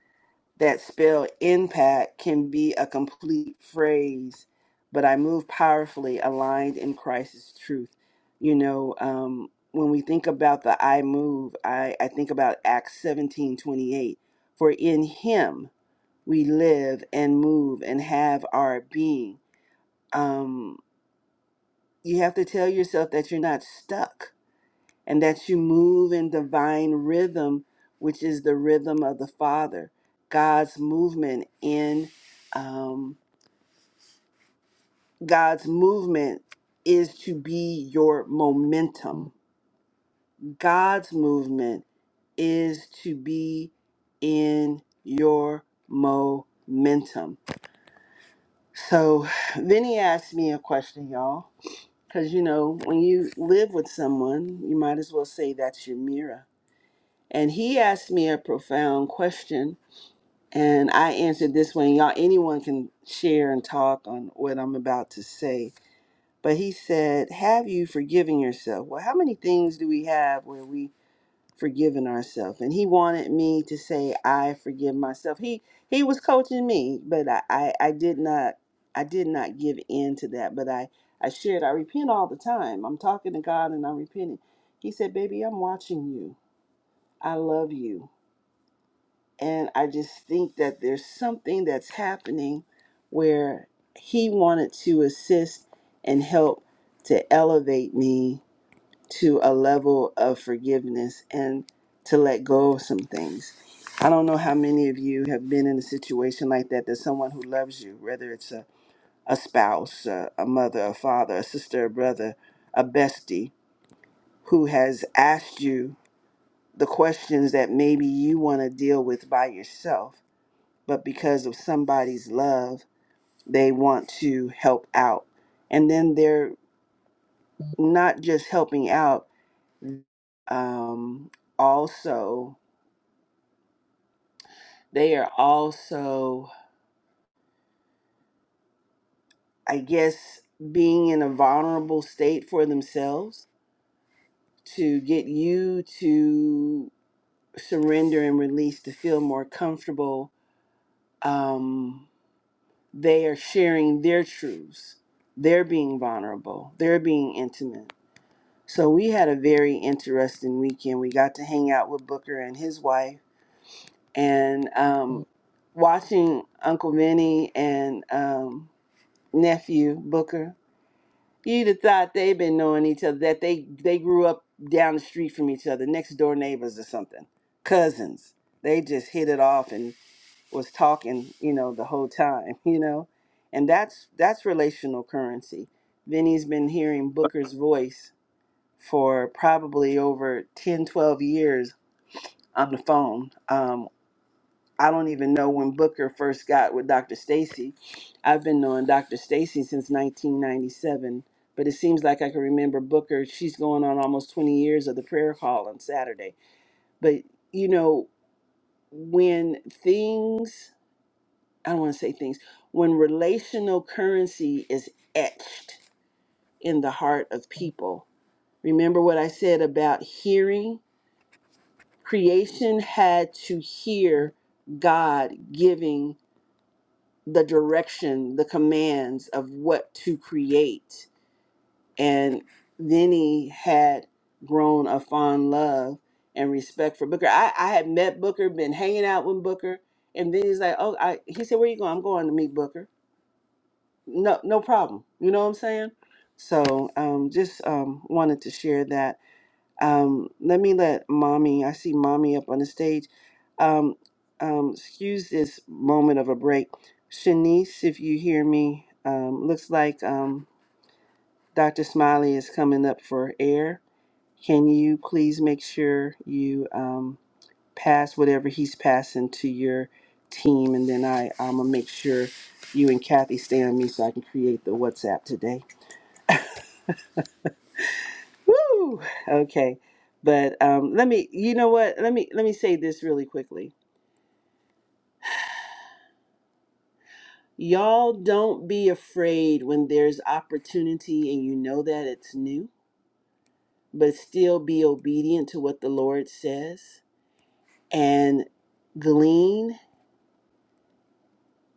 A: that spell impact can be a complete phrase. But I move powerfully aligned in Christ's truth. You know, um, when we think about the I move, I, I think about Acts seventeen twenty eight. For in him, we live and move and have our being. Um, you have to tell yourself that you're not stuck and that you move in divine rhythm, which is the rhythm of the Father, God's movement in um, God's movement is to be your momentum. God's movement is to be in your momentum. So, Vinny asked me a question, y'all Because, you know, when you live with someone, you might as well say that's your mirror. And he asked me a profound question, and I answered this one. Y'all, anyone can share and talk on what I'm about to say. But he said, Have you forgiven yourself? Well, how many things do we have where we Forgiven ourselves and he wanted me to say i forgive myself he he was coaching me but i i, I did not i did not give in to that but i i shared i repent all the time i'm talking to god and i'm repenting he said baby i'm watching you i love you and i just think that there's something that's happening where he wanted to assist and help to elevate me to a level of forgiveness and to let go of some things. I don't know how many of you have been in a situation like that, that someone who loves you, whether it's a, a spouse, a, a mother, a father, a sister, a brother, a bestie, who has asked you the questions that maybe you want to deal with by yourself, but because of somebody's love, they want to help out. And then they're not just helping out, um, also They are also, I guess, being in a vulnerable state for themselves to get you to surrender and release to feel more comfortable. Um, they are sharing their truths. They're being vulnerable. They're being intimate. So we had a very interesting weekend. We got to hang out with Booker and his wife, and um, watching Uncle Vinny and um, nephew Booker You'd have thought they've been knowing each other, that they they grew up down the street from each other, next door neighbors or something, cousins. They just hit it off and was talking, you know, the whole time, you know, and that's that's relational currency. Vinny's been hearing Booker's voice for probably over 10, 12 years on the phone. um, I don't even know when Booker first got with Dr. Stacy. I've been knowing Dr. Stacy since 1997, but it seems like I can remember Booker. She's going on almost 20 years of the prayer call on Saturday. But, you know, when things, I don't want to say things, when relational currency is etched in the heart of people, remember what I said about hearing? Creation had to hear God giving the direction, the commands of what to create. And then he had grown a fond love and respect for Booker. I, I had met Booker, been hanging out with Booker, and then he's like, Oh, I he said, Where you going? I'm going to meet Booker. No, no problem. You know what I'm saying? So um just um wanted to share that um, let me let mommy, I see mommy up on the stage. Um, um, excuse this moment of a break. Shanice, if you hear me, um, looks like um, Dr. Smiley is coming up for air. Can you please make sure you um, pass whatever he's passing to your team? And then I, I'm going to make sure you and Kathy stay on me so I can create the WhatsApp today. Woo! Okay. But um, let me, you know what? Let me let me say this really quickly. Y'all don't be afraid when there's opportunity and you know that it's new, but still be obedient to what the Lord says and glean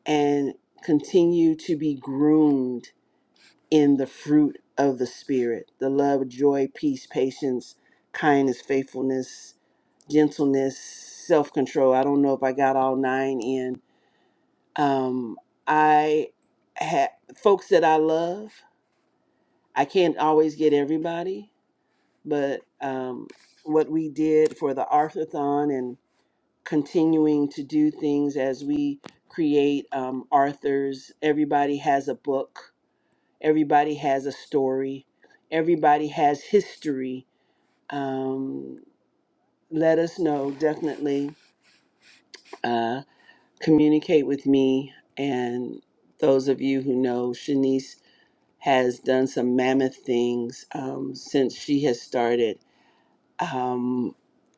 A: and continue to be groomed in the fruit of the spirit, the love, joy, peace, patience, kindness, faithfulness, gentleness, self-control. I don't know if I got all nine in, Um, I have folks that I love. I can't always get everybody, but um, what we did for the Arthurthon and continuing to do things as we create um, Arthurs, everybody has a book, everybody has a story, everybody has history. Um, let us know, definitely uh, communicate with me and those of you who know Shanice has done some mammoth things um, since she has started um,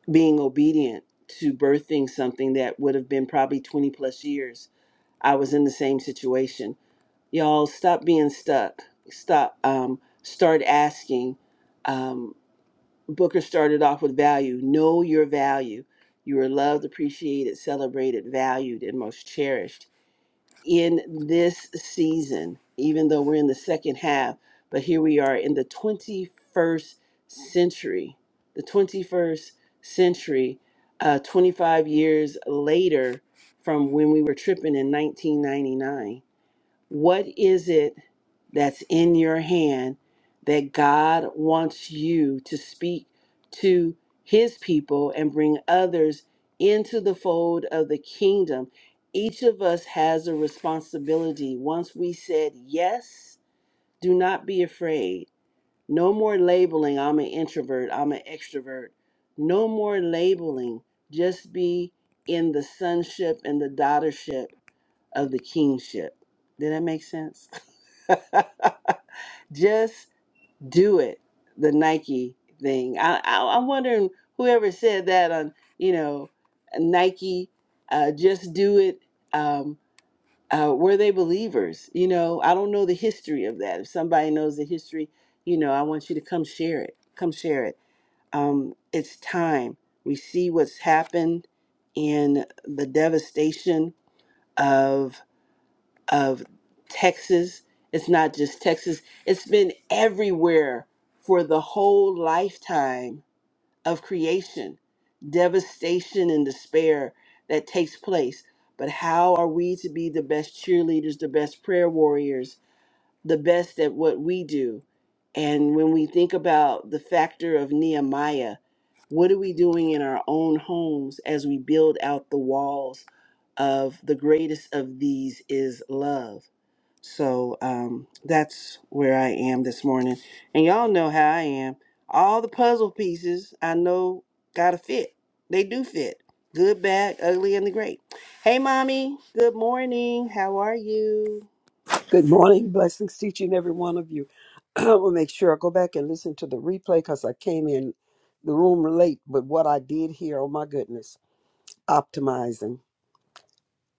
A: being obedient to birthing something that would have been probably 20 plus years. I was in the same situation. Y'all, stop being stuck. Stop. Um, start asking. Um, Booker started off with value. Know your value. You are loved, appreciated, celebrated, valued, and most cherished in this season, even though we're in the second half, but here we are in the 21st century. The 21st century, uh, 25 years later from when we were tripping in 1999. What is it that's in your hand that God wants you to speak to his people and bring others into the fold of the kingdom? Each of us has a responsibility. Once we said yes, do not be afraid. No more labeling, I'm an introvert, I'm an extrovert. No more labeling. Just be in the sonship and the daughtership of the kingship. Did that make sense? Just do it. The Nike thing. I, I I'm wondering whoever said that on you know Nike. Uh, just do it. Um, uh, were they believers? You know, I don't know the history of that. If somebody knows the history, you know, I want you to come share it. Come share it. Um, it's time. We see what's happened in the devastation of of Texas. It's not just Texas, it's been everywhere for the whole lifetime of creation, devastation and despair that takes place. But how are we to be the best cheerleaders, the best prayer warriors, the best at what we do? And when we think about the factor of Nehemiah, what are we doing in our own homes as we build out the walls of the greatest of these is love? So um, that's where I am this morning. And y'all know how I am. All the puzzle pieces I know gotta fit. They do fit. Good, bad, ugly, and the great. Hey, mommy. Good morning. How are you?
F: Good morning. Blessings to each and every one of you. I will make sure I go back and listen to the replay because I came in the room late. But what I did here, oh my goodness, optimizing.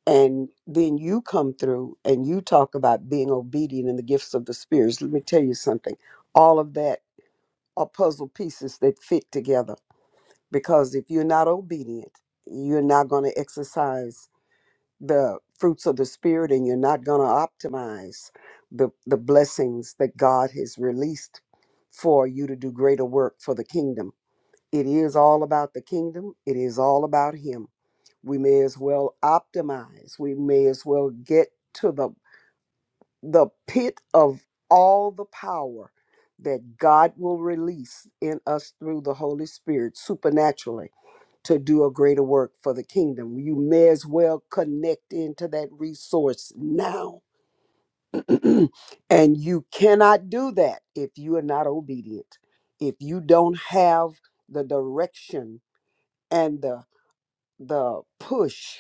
F: And then you come through and you talk about being obedient in the gifts of the spirits. Let me tell you something. All of that are puzzle pieces that fit together. Because if you're not obedient, you're not going to exercise the fruits of the spirit and you're not going to optimize the the blessings that God has released for you to do greater work for the kingdom. It is all about the kingdom. It is all about him. We may as well optimize. We may as well get to the the pit of all the power that God will release in us through the Holy Spirit supernaturally to do a greater work for the kingdom. You may as well connect into that resource now. and you cannot do that if you are not obedient. If you don't have the direction and the the push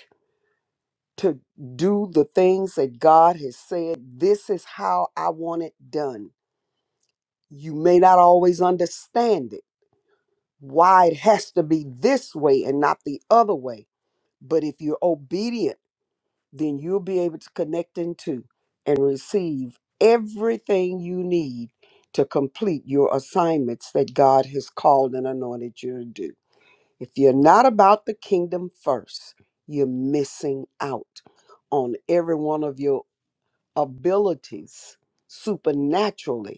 F: to do the things that God has said, this is how I want it done. You may not always understand it. Why it has to be this way and not the other way. But if you're obedient then you'll be able to connect into and receive everything you need to complete your assignments that God has called and anointed you to do. If you're not about the kingdom first, you're missing out on every one of your abilities supernaturally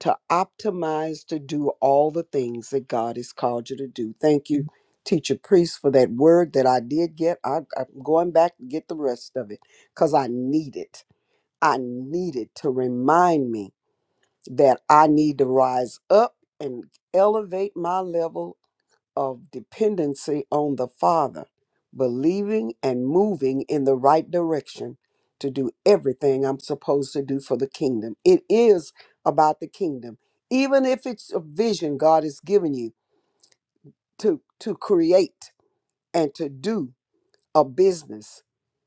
F: to optimize to do all the things that God has called you to do. Thank you, teacher priest, for that word that I did get. I, I'm going back to get the rest of it because I need it. I need it to remind me that I need to rise up and elevate my level of dependency on the Father, believing and moving in the right direction to do everything I'm supposed to do for the kingdom. It is about the kingdom. Even if it's a vision God has given you to, to create and to do a business,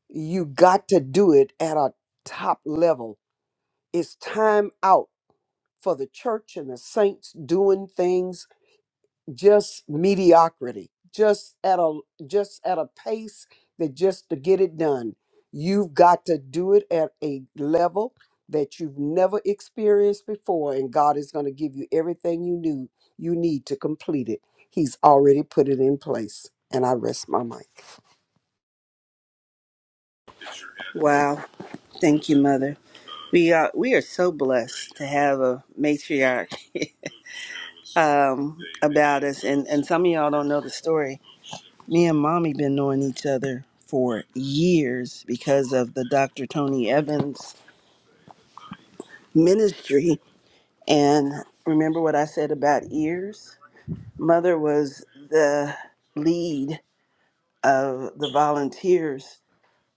F: you got to do it at a top level. It's time out for the church and the saints doing things just mediocrity just at a just at a pace that just to get it done you've got to do it at a level that you've never experienced before and god is going to give you everything you knew you need to complete it he's already put it in place and i rest my mic
A: Wow. Thank you, mother. We are we are so blessed to have a matriarch um, about us, and and some of y'all don't know the story. Me and mommy been knowing each other for years because of the Dr. Tony Evans ministry. And remember what I said about ears? Mother was the lead of the volunteers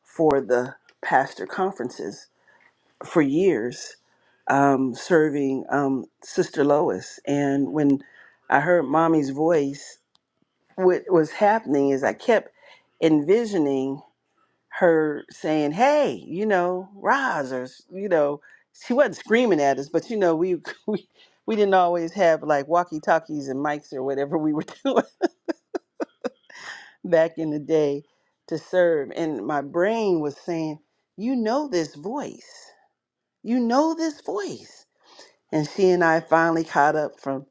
A: for the pastor conferences for years, um, serving um, Sister Lois. And when I heard mommy's voice, what was happening is I kept envisioning her saying, "Hey, you know, rise," or you know, she wasn't screaming at us, but you know, we we, we didn't always have like walkie talkies and mics or whatever we were doing back in the day to serve. And my brain was saying, "You know this voice, you know this voice." And she and I finally caught up from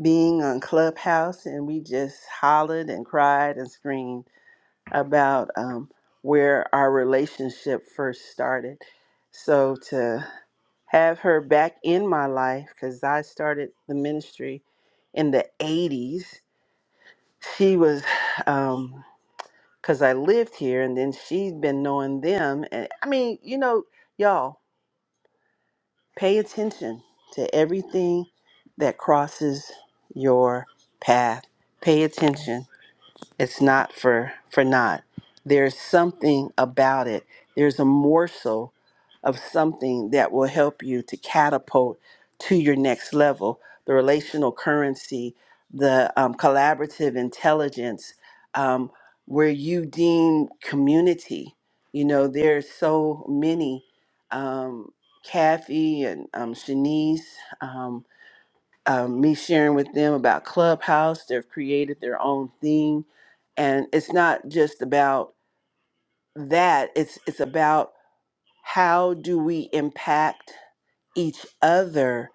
A: being on Clubhouse, and we just hollered and cried and screamed about um, where our relationship first started. So to have her back in my life, because I started the ministry in the 80s, she was, um, because I lived here and then she'd been knowing them. And I mean, you know, y'all pay attention to everything that crosses your path. Pay attention It's not for for naught. There's something about it. There's a morsel of something that will help you to catapult to your next level. The relational currency, the um, collaborative intelligence, um, where you deem community. You know, there's so many. Um, Kathy and um, Shanice. Um, um, me sharing with them about Clubhouse. They've created their own thing, and it's not just about that. It's it's about how do we impact each other,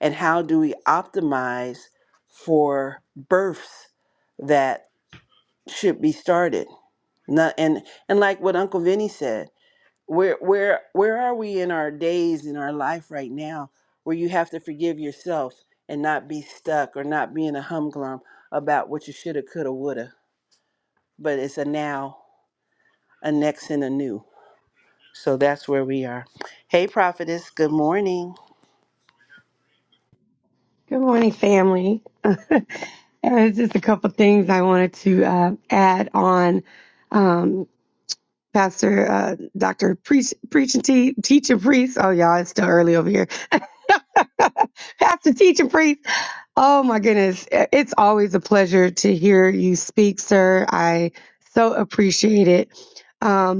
A: and how do we optimize for births that should be started. Not, and and like what Uncle Vinny said where where where are we in our days in our life right now where you have to forgive yourself and not be stuck or not be in a humglum about what you shoulda coulda woulda but it's a now a next and a new so that's where we are hey prophetess good morning
G: Good morning, family. There's just a couple things I wanted to uh, add on. Um, Pastor uh, Dr. Preach, Preach and Te- Teach and Priest. Oh, y'all, it's still early over here. Pastor Teach and Priest. Oh, my goodness. I- It's always a pleasure to hear you speak, sir. I so appreciate it. Um,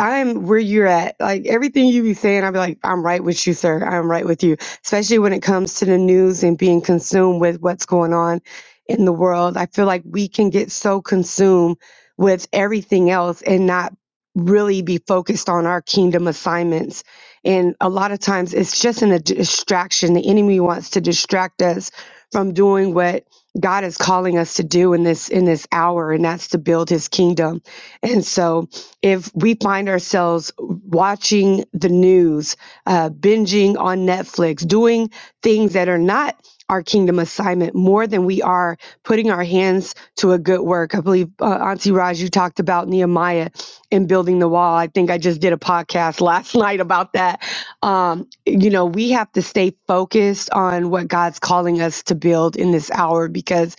G: I'm where you're at. Like everything you be saying, I'll be like, I'm right with you, sir. I'm right with you. Especially when it comes to the news and being consumed with what's going on in the world. I feel like we can get so consumed with everything else and not really be focused on our kingdom assignments. And a lot of times it's just an, a distraction. The enemy wants to distract us from doing what God is calling us to do in this in this hour, and that's to build his kingdom. And so if we find ourselves watching the news, uh, binging on Netflix, doing things that are not our kingdom assignment more than we are putting our hands to a good work. I believe uh, Auntie Raj, you talked about Nehemiah and building the wall. I think I just did a podcast last night about that. Um, you know, we have to stay focused on what God's calling us to build in this hour because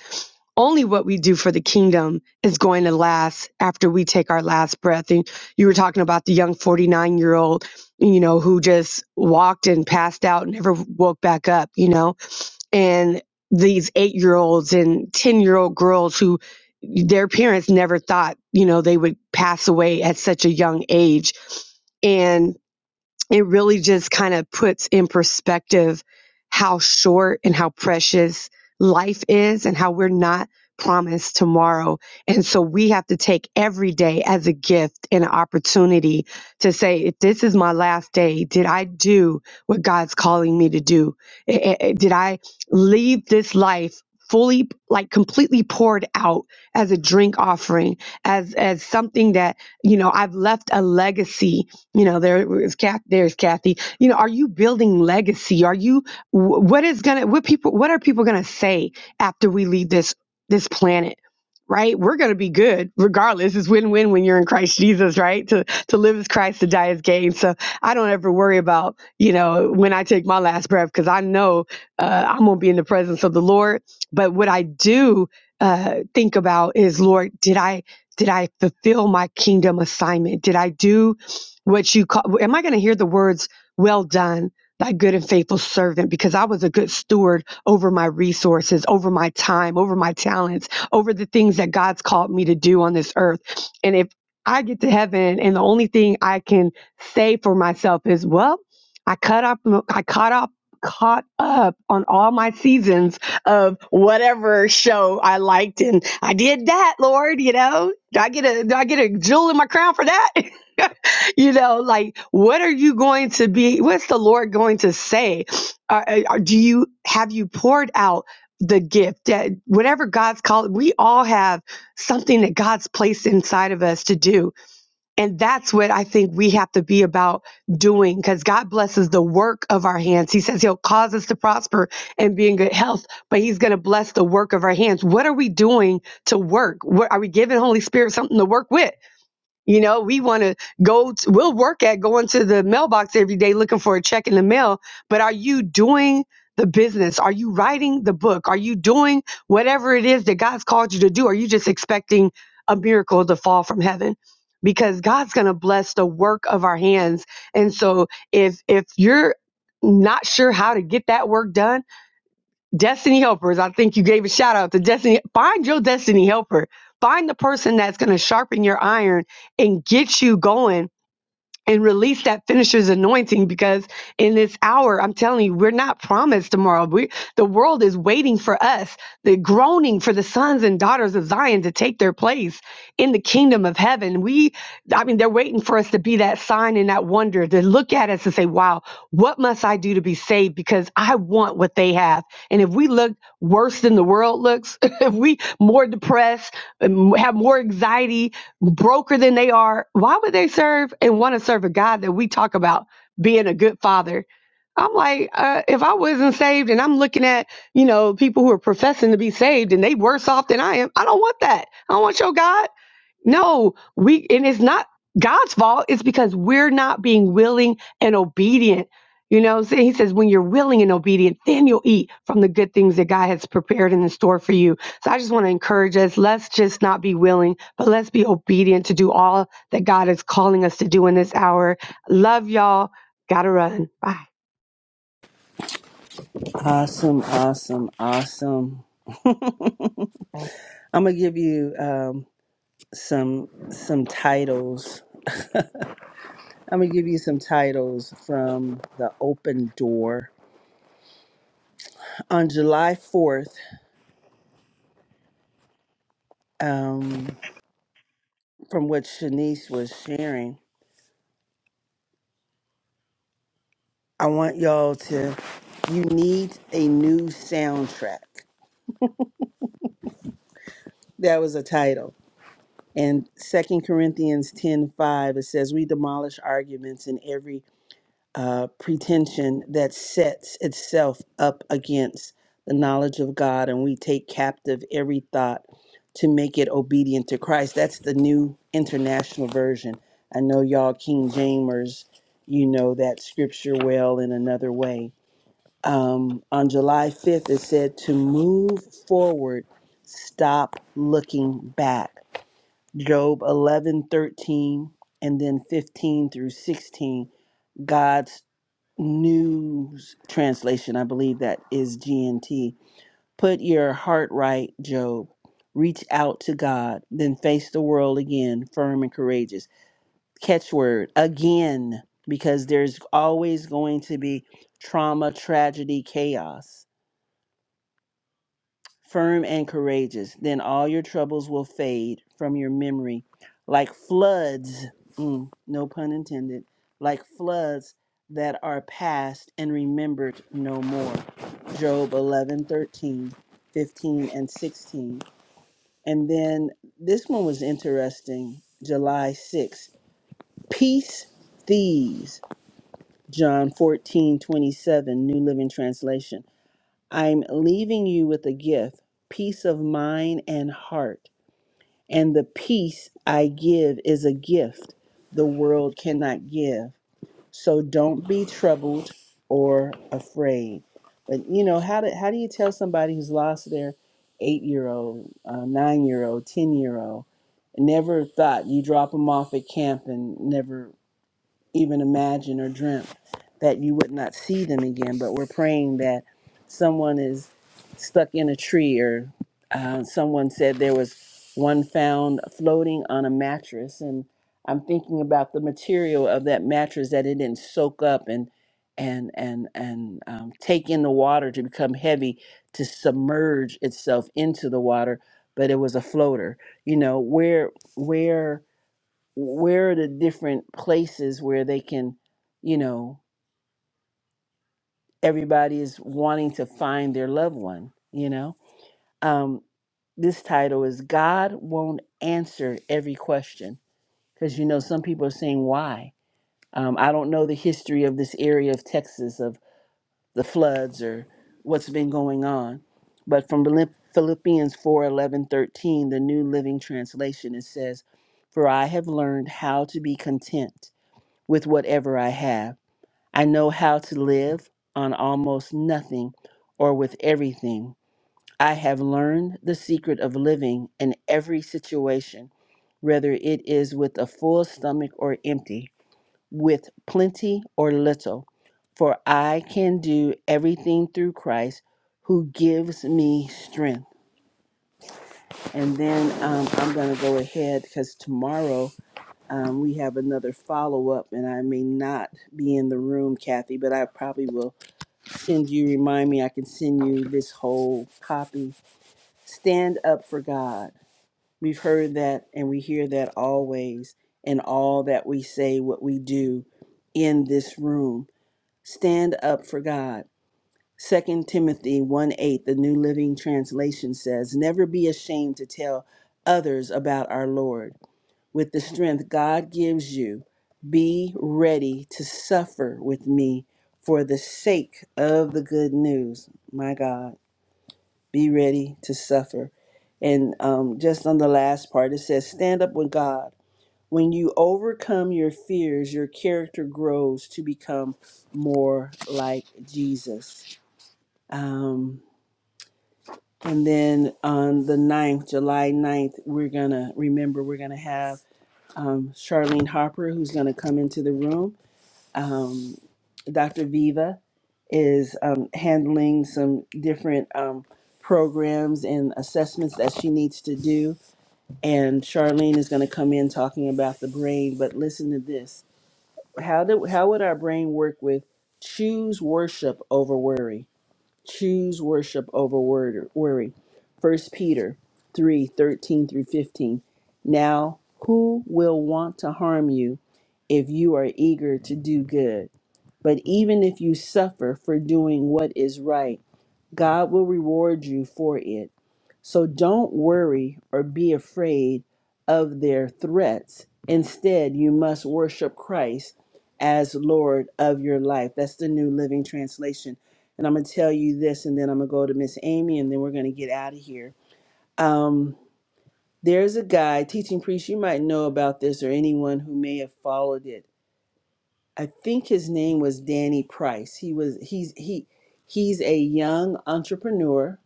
G: only what we do for the kingdom is going to last after we take our last breath. And you were talking about the young 49 year old, you know, who just walked and passed out and never woke back up, you know, and these eight year olds and 10 year old girls who their parents never thought, you know, they would pass away at such a young age. And it really just kind of puts in perspective how short and how precious life is and how we're not promised tomorrow. And so we have to take every day as a gift and an opportunity to say, if this is my last day, did I do what God's calling me to do? Eh, eh, eh, Did I leave this life? fully like completely poured out as a drink offering as as something that you know I've left a legacy you know there is Kath, there's kathy you know are you building legacy are you wh- what is gonna what people what are people gonna say after we leave this this planet right we're gonna be good regardless it's win-win when you're in christ jesus right to to live as christ to die as gain so i don't ever worry about you know when i take my last breath because i know uh, i'm gonna be in the presence of the lord but what i do uh, think about is lord did i did i fulfill my kingdom assignment did i do what you call am i going to hear the words well done thy good and faithful servant because i was a good steward over my resources over my time over my talents over the things that god's called me to do on this earth and if i get to heaven and the only thing i can say for myself is well i cut up i caught up caught up on all my seasons of whatever show i liked and i did that lord you know do i get a do i get a jewel in my crown for that you know like what are you going to be what's the lord going to say are, are- do you have you poured out the gift that whatever god's called we all have something that god's placed inside of us to do and that's what i think we have to be about doing because god blesses the work of our hands he says he'll cause us to prosper and be in good health but he's going to bless the work of our hands what are we doing to work what are we giving holy spirit something to work with you know, we want to go, t- we'll work at going to the mailbox every day looking for a check in the mail, but are you doing the business? Are you writing the book? Are you doing whatever it is that God's called you to do? Are you just expecting a miracle to fall from heaven? Because God's going to bless the work of our hands. And so if if you're not sure how to get that work done, destiny helpers. I think you gave a shout out to destiny. Find your destiny helper. Find the person that's going to sharpen your iron and get you going and release that finisher's anointing because in this hour i'm telling you we're not promised tomorrow we the world is waiting for us the groaning for the sons and daughters of zion to take their place in the kingdom of heaven we i mean they're waiting for us to be that sign and that wonder to look at us and say wow what must i do to be saved because i want what they have and if we look worse than the world looks if we more depressed and have more anxiety broker than they are, why would they serve and want to serve a God that we talk about being a good father? I'm like, uh, if I wasn't saved and I'm looking at, you know, people who are professing to be saved and they worse off than I am, I don't want that. I don't want your God. No, we and it's not God's fault. It's because we're not being willing and obedient. You know, what saying? he says, when you're willing and obedient, then you'll eat from the good things that God has prepared in the store for you. So I just want to encourage us. Let's just not be willing, but let's be obedient to do all that God is calling us to do in this hour. Love y'all. Gotta run. Bye.
A: awesome awesome awesome i'm gonna give you um some some titles i'm gonna give you some titles from the open door on july 4th from what Shanice was sharing, I want y'all to, you need a new soundtrack. That was a title. And Second Corinthians ten five it says, We demolish arguments and every uh, pretension that sets itself up against the knowledge of God, and we take captive every thought to make it obedient to Christ. That's the new international version. I know y'all, King Jamers, you know that scripture well in another way um, on July 5th, it said to move forward, stop looking back. Job 11 13, and then 15 through 16, God's News Translation, I believe that is GNT. Put your heart right, Job. Reach out to God, then face the world again, firm and courageous. Catchword again, because there's always going to be trauma, tragedy, chaos firm and courageous. Then all your troubles will fade from your memory like floods, mm, no pun intended, like floods that are past and remembered no more. Job 11, 13, 15, and 16. And then this one was interesting. July 6, peace thieves. John 14, 27, New Living Translation. I'm leaving you with a gift, peace of mind and heart. And the peace I give is a gift the world cannot give. So don't be troubled or afraid. But you know, how do, how do you tell somebody who's lost their eight year old, uh, nine year old, 10 year old, never thought you drop them off at camp and never even imagined or dreamt that you would not see them again. But we're praying that someone is stuck in a tree, or uh, someone said there was one found floating on a mattress. And I'm thinking about the material of that mattress that it didn't soak up and and and and um, take in the water to become heavy to submerge itself into the water but it was a floater you know where where where are the different places where they can, you know, everybody is wanting to find their loved one, you know? Um, this title is God Won't Answer Every Question. Because, you know, some people are saying, why? Um, I don't know the history of this area of Texas, of the floods or what's been going on. But from Philipp- Philippians 4 11 13, the New Living Translation, it says, For I have learned how to be content with whatever I have I know how to live on almost nothing or with everything. I have learned the secret of living in every situation, whether it is with a full stomach or empty, with plenty or little. For I can do everything through Christ who gives me strength. And then um, I'm going to go ahead because tomorrow um, we have another follow up, and I may not be in the room, Kathy, but I probably will send you, remind me, I can send you this whole copy. Stand up for God. We've heard that and we hear that always in all that we say, what we do in this room. Stand up for God. Second Timothy 1 8, the New Living Translation says, Never be ashamed to tell others about our Lord with the strength God gives you. Be ready to suffer with me for the sake of the good news. My God, be ready to suffer. And um, just on the last part, it says, Stand up with God. When you overcome your fears, your character grows to become more like Jesus. Um, and then on the ninth, July ninth, we're going to remember, we're going to have um, Charlene Harper, who's going to come into the room. Um, Dr. Viva is um, handling some different um, programs and assessments that she needs to do. And Charlene is going to come in talking about the brain. But listen to this how, do, how would our brain work with choose worship over worry? Choose worship over worry. First Peter 3 13 through 15. Now, who will want to harm you if you are eager to do good? But even if you suffer for doing what is right, God will reward you for it. So don't worry or be afraid of their threats. Instead, you must worship Christ as Lord of your life. That's the New Living Translation. And I'm going to tell you this, and then I'm going to go to Miss Amy, and then we're going to get out of here. Um, there's a guy, teaching priest, you might know about this, or anyone who may have followed it. I think his name was Danny Price. He was he's he he's a young entrepreneur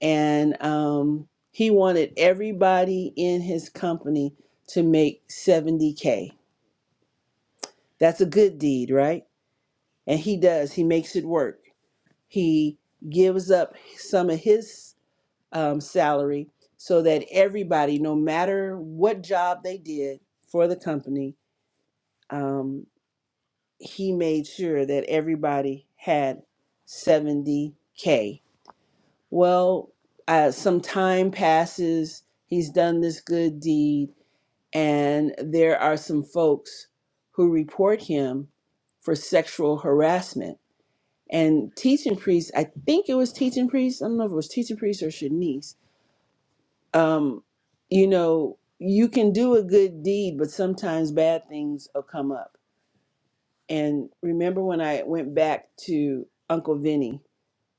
A: and um, he wanted everybody in his company to make 70k. That's a good deed, right? And he does. He makes it work. He gives up some of his um, salary so that everybody, no matter what job they did for the company, um, he made sure that everybody had 70k. Well, uh, some time passes. He's done this good deed and there are some folks who report him for sexual harassment. And teaching priest, I think it was teaching priest. I don't know if it was teaching priest or Shanice. Um, you know, you can do a good deed, but sometimes bad things will come up. And remember when I went back to Uncle Vinny,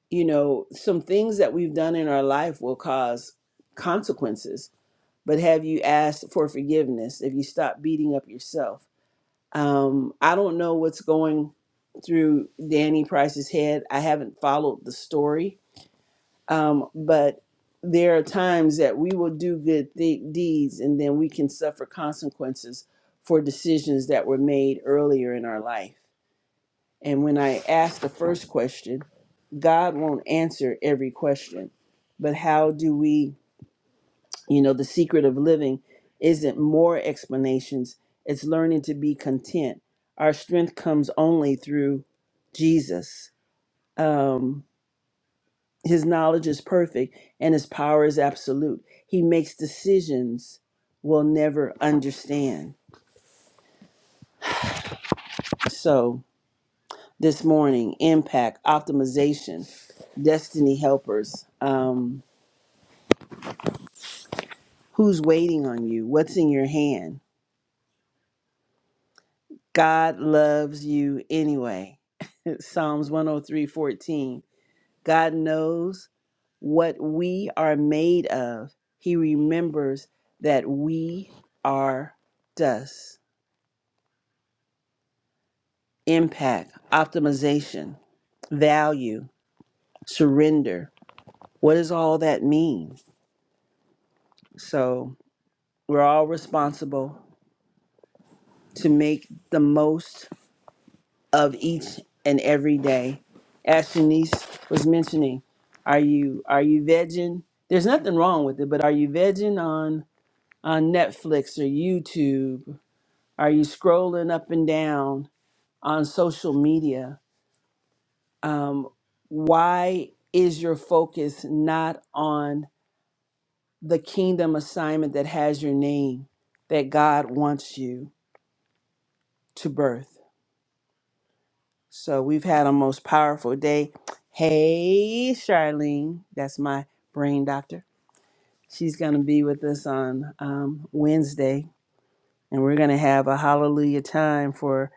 A: you know, some things that we've done in our life will cause consequences. But have you asked for forgiveness? If you stop beating up yourself? Um, I don't know what's going through Danny Price's head. I haven't followed the story, um, but there are times that we will do good th- deeds and then we can suffer consequences for decisions that were made earlier in our life. And when I asked the first question, God won't answer every question, but how do we? You know, the secret of living isn't more explanations, it's learning to be content. Our strength comes only through Jesus. Um, his knowledge is perfect and his power is absolute. He makes decisions we'll never understand. So, this morning, impact, optimization, destiny helpers. Um, who's waiting on you? What's in your hand? God loves you anyway. Psalms 103:14. God knows what we are made of. He remembers that we are dust. Impact, optimization, value, surrender. What does all that mean? So, we're all responsible to make the most of each and every day. As Shanice was mentioning, are you are you vegging? There's nothing wrong with it, but are you vegging on on Netflix or YouTube? Are you scrolling up and down on social media? Um, why is your focus not on the kingdom assignment that has your name that God wants you to birth? So we've had a most powerful day. Hey, Charlene, that's my brain doctor. She's going to be with us on um, Wednesday and we're going to have a hallelujah time for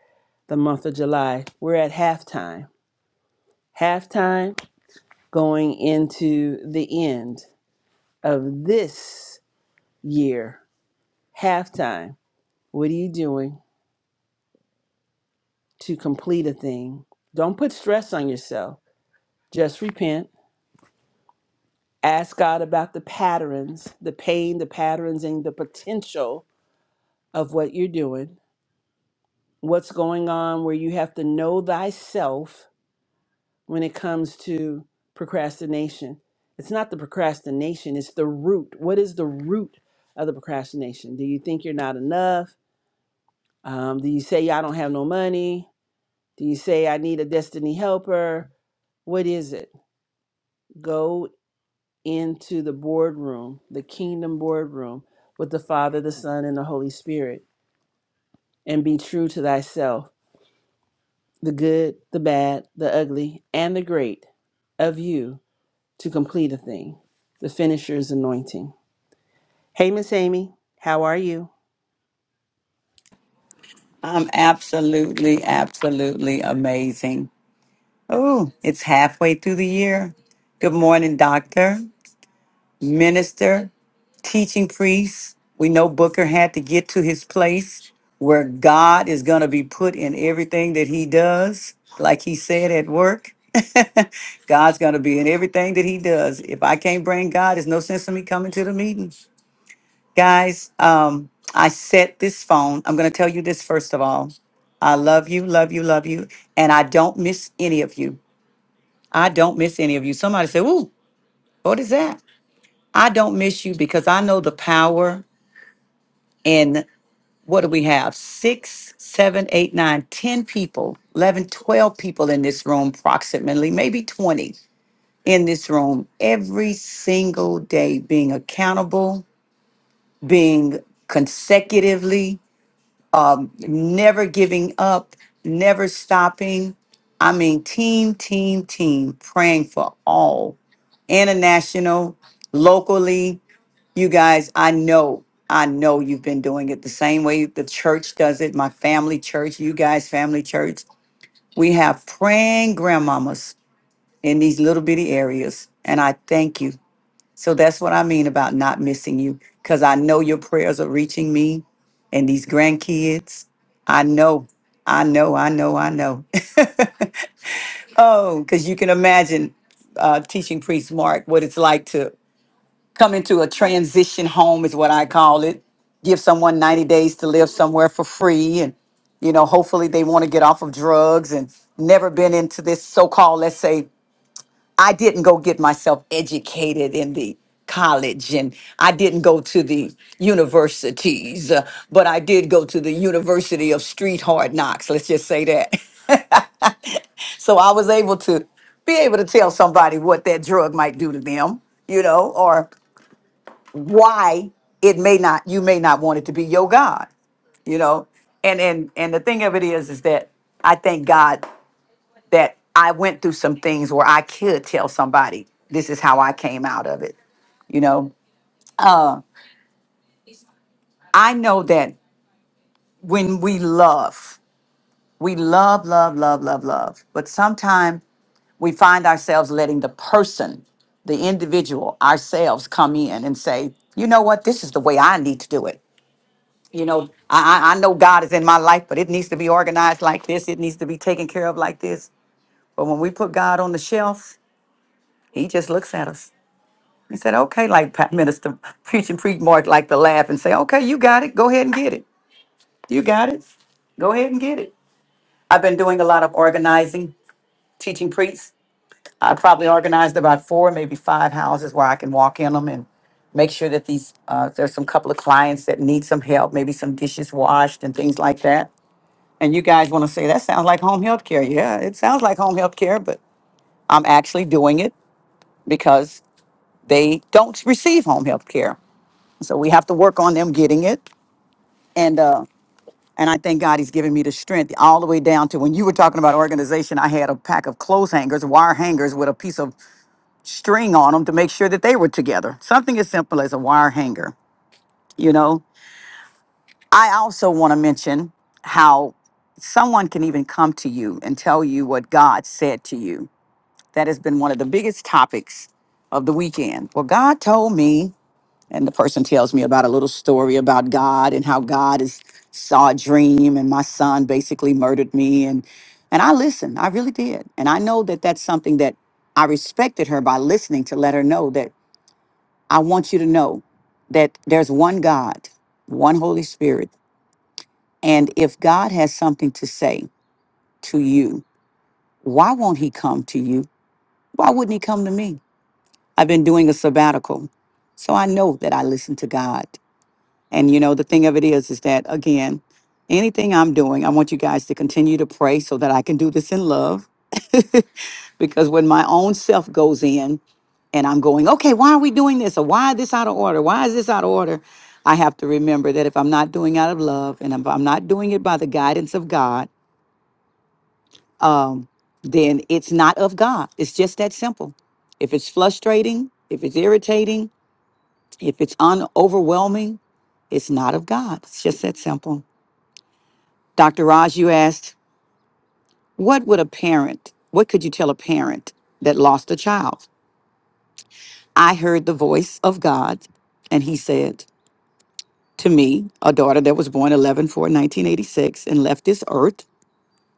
A: the month of July. We're at halftime. Halftime going into the end of this year. Halftime. What are you doing to complete a thing? Don't put stress on yourself. Just repent. Ask God about the patterns, the pain, the patterns, and the potential of what you're doing. What's going on where you have to know thyself when it comes to procrastination. It's not the procrastination, it's the root. What is the root of the procrastination? Do you think you're not enough? Um, do you say, I don't have no money? Do you say, I need a destiny helper? What is it? Go into the boardroom, the kingdom boardroom with the Father, the Son, and the Holy Spirit, and be true to thyself the good, the bad, the ugly, and the great of you to complete a thing, the finisher's anointing. Hey, Miss Amy, how are you?
H: I'm absolutely, absolutely amazing. Oh, it's halfway through the year. Good morning, doctor, minister, teaching priest. We know Booker had to get to his place where God is going to be put in everything that he does, like he said at work. God's going to be in everything that he does. If I can't bring God, there's no sense in me coming to the meeting. Guys, um, I set this phone. I'm going to tell you this first of all. I love you, love you, love you. And I don't miss any of you. I don't miss any of you. Somebody said, Ooh, what is that? I don't miss you because I know the power in what do we have? Six, seven, eight, nine, ten people, 11, 12 people in this room, approximately, maybe 20 in this room every single day, being accountable, being consecutively never giving up, never stopping. I mean, team, team, team, praying for all international, locally. You guys, I know, I know you've been doing it the same way the church does it, my family church, you guys, family church. We have praying grandmamas in these little bitty areas. And I thank you. So that's what I mean about not missing you because I know your prayers are reaching me and these grandkids. I know, I know, I know, I know. Oh, because you can imagine uh, teaching priest Mark what it's like to come into a transition home, is what I call it. Give someone 90 days to live somewhere for free. And, you know, hopefully they want to get off of drugs and never been into this so called, let's say, I didn't go get myself educated in the college and I didn't go to the universities, uh, but I did go to the University of Street Hard Knocks, let's just say that. So I was able to be able to tell somebody what that drug might do to them, you know, or why it may not, you may not want it to be your God you know and and and the thing of it is is that i thank god that I went through some things where I could tell somebody, this is how I came out of it. You know, I know that when we love, we love, love, love, love, love, but sometimes we find ourselves letting the person, the individual, ourselves come in and say, you know what, this is the way I need to do it. You know, I, I I know God is in my life, but it needs to be organized like this. It needs to be taken care of like this. But when we put God on the shelf, He just looks at us He said, okay, like Pa- Minister Preaching Preach Mark like to laugh and say, okay, you got it. Go ahead and get it. You got it. Go ahead and get it. I've been doing a lot of organizing, teaching priests. I probably organized about four, maybe five houses where I can walk in them and make sure that these, uh, there's some couple of clients that need some help, maybe some dishes washed and things like that. And you guys want to say, that sounds like home health care. Yeah, it sounds like home health care, but I'm actually doing it because they don't receive home health care. So we have to work on them getting it. And uh, and I thank God He's giving me the strength all the way down to when you were talking about organization. I had a pack of clothes hangers, wire hangers with a piece of string on them to make sure that they were together. Something as simple as a wire hanger. You know. I also want to mention how someone can even come to you and tell you what God said to you. That has been one of the biggest topics of the weekend. Well, God told me and the person tells me about a little story about God and how God is saw a dream and my son basically murdered me and and I listened I really did and I know that that's something that I respected her by listening to let her know that I want you to know that there's one God one Holy Spirit and if God has something to say to you why won't he come to you why wouldn't he come to me I've been doing a sabbatical so I know that I listen to God And you know, the thing of it is, is that again, anything I'm doing, I want you guys to continue to pray so that I can do this in love. because when my own self goes in and I'm going, okay, why are we doing this? Or why is this out of order? Why is this out of order? I have to remember that if I'm not doing out of love and if I'm not doing it by the guidance of God, um, then it's not of God. It's just that simple. If it's frustrating, if it's irritating, if it's un- overwhelming, it's not of God. It's just that simple. Dr. Raj, you asked, what would a parent, what could you tell a parent that lost a child? I heard the voice of God, and he said to me, a daughter that was born 11 4 1986 and left this earth,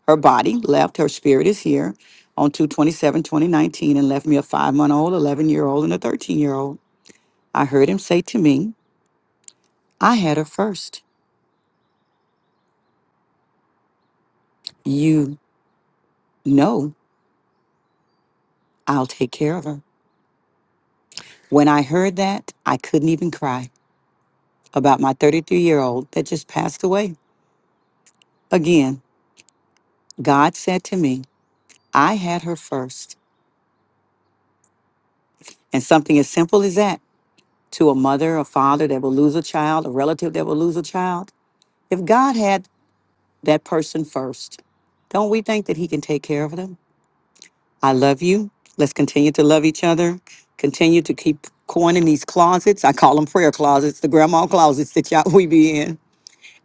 H: her body left, her spirit is here on 2 27 2019 and left me a five month old, 11 year old, and a 13 year old. I heard him say to me, I had her first. You know I'll take care of her. When I heard that, I couldn't even cry. about my 33 year old that just passed away. Again, God said to me, I had her first. And something as simple as that to a mother, a father that will lose a child, a relative that will lose a child, if God had that person first, don't we think that He can take care of them? I love you. Let's continue to love each other. Continue to keep going in these closets. I call them prayer closets, the grandma closets that y'all we be in.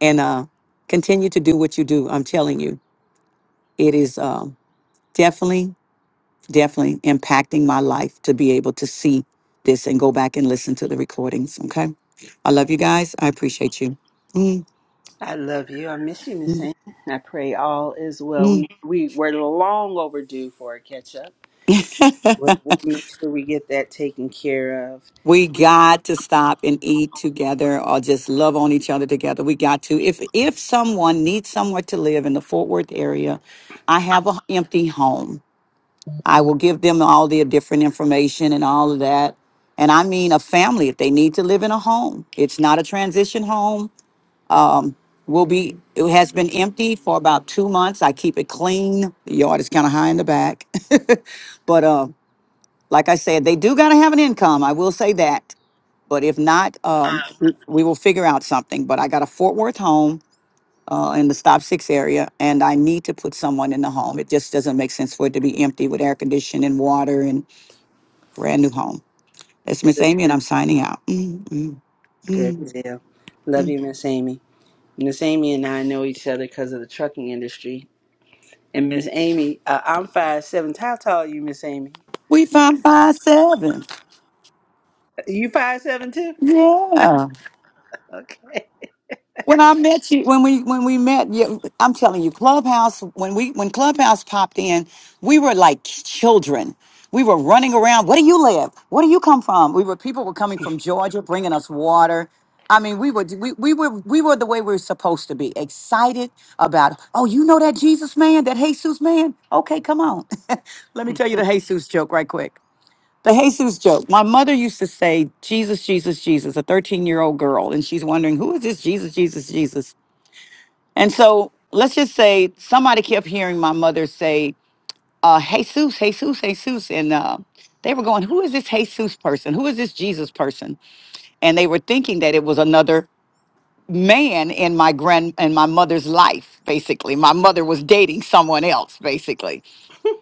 H: And uh, continue to do what you do. I'm telling you, it is um, definitely definitely impacting my life to be able to see this and go back and listen to the recordings. Okay. I love you guys. I appreciate you. Mm,
A: I love you. I miss you, Miss Amy. I pray all is well. We
H: mm.
A: we we're long overdue for a catch up. We'll we'll make sure we get that taken care of.
H: we got to stop and eat together or just love on each other together. We got to. If if someone needs somewhere to live in the Fort Worth area, I have an empty home. I will give them all the different information and all of that. And I mean a family if they need to live in a home. It's not a transition home. will be, it has been empty for about two months. I keep it clean. The yard is kind of high in the back. but uh, like I said, they do got to have an income. I will say that. But if not, um, w- we will figure out something. But I got a Fort Worth home uh, in the stop six area, and I need to put someone in the home. It just doesn't make sense for it to be empty with air conditioning and water and brand new home. That's Miss
A: Good,
H: Amy, and I'm signing out. Mm, mm,
A: good
H: mm.
A: deal. Love you, Miss Amy. Miss Amy and I know each other because of the trucking industry. And Miss Amy, uh, I'm five seven. How tall are you, Miss Amy?
H: We found five seven.
A: You five seven too?
H: Yeah.
A: Okay,
H: When I met you, when we when we met, you, I'm telling you, Clubhouse. When we when Clubhouse popped in, we were like children. We were running around. Where do you live? Where do you come from? We were people were coming from Georgia, bringing us water. I mean, we were we, we were we were the way we were supposed to be, excited about. Oh, you know that Jesus man, that Jesus man. Okay, come on. Let me tell you the Jesus joke right quick. The Jesus joke. My mother used to say, Jesus, Jesus, Jesus, a 13 year old girl. And she's wondering, who is this Jesus, Jesus, Jesus? And so let's just say somebody kept hearing my mother say, uh, Jesus, Jesus, Jesus. And uh, they were going, who is this Jesus person? Who is this Jesus person? And they were thinking that it was another man in my grand in my mother's life, basically. My mother was dating someone else, basically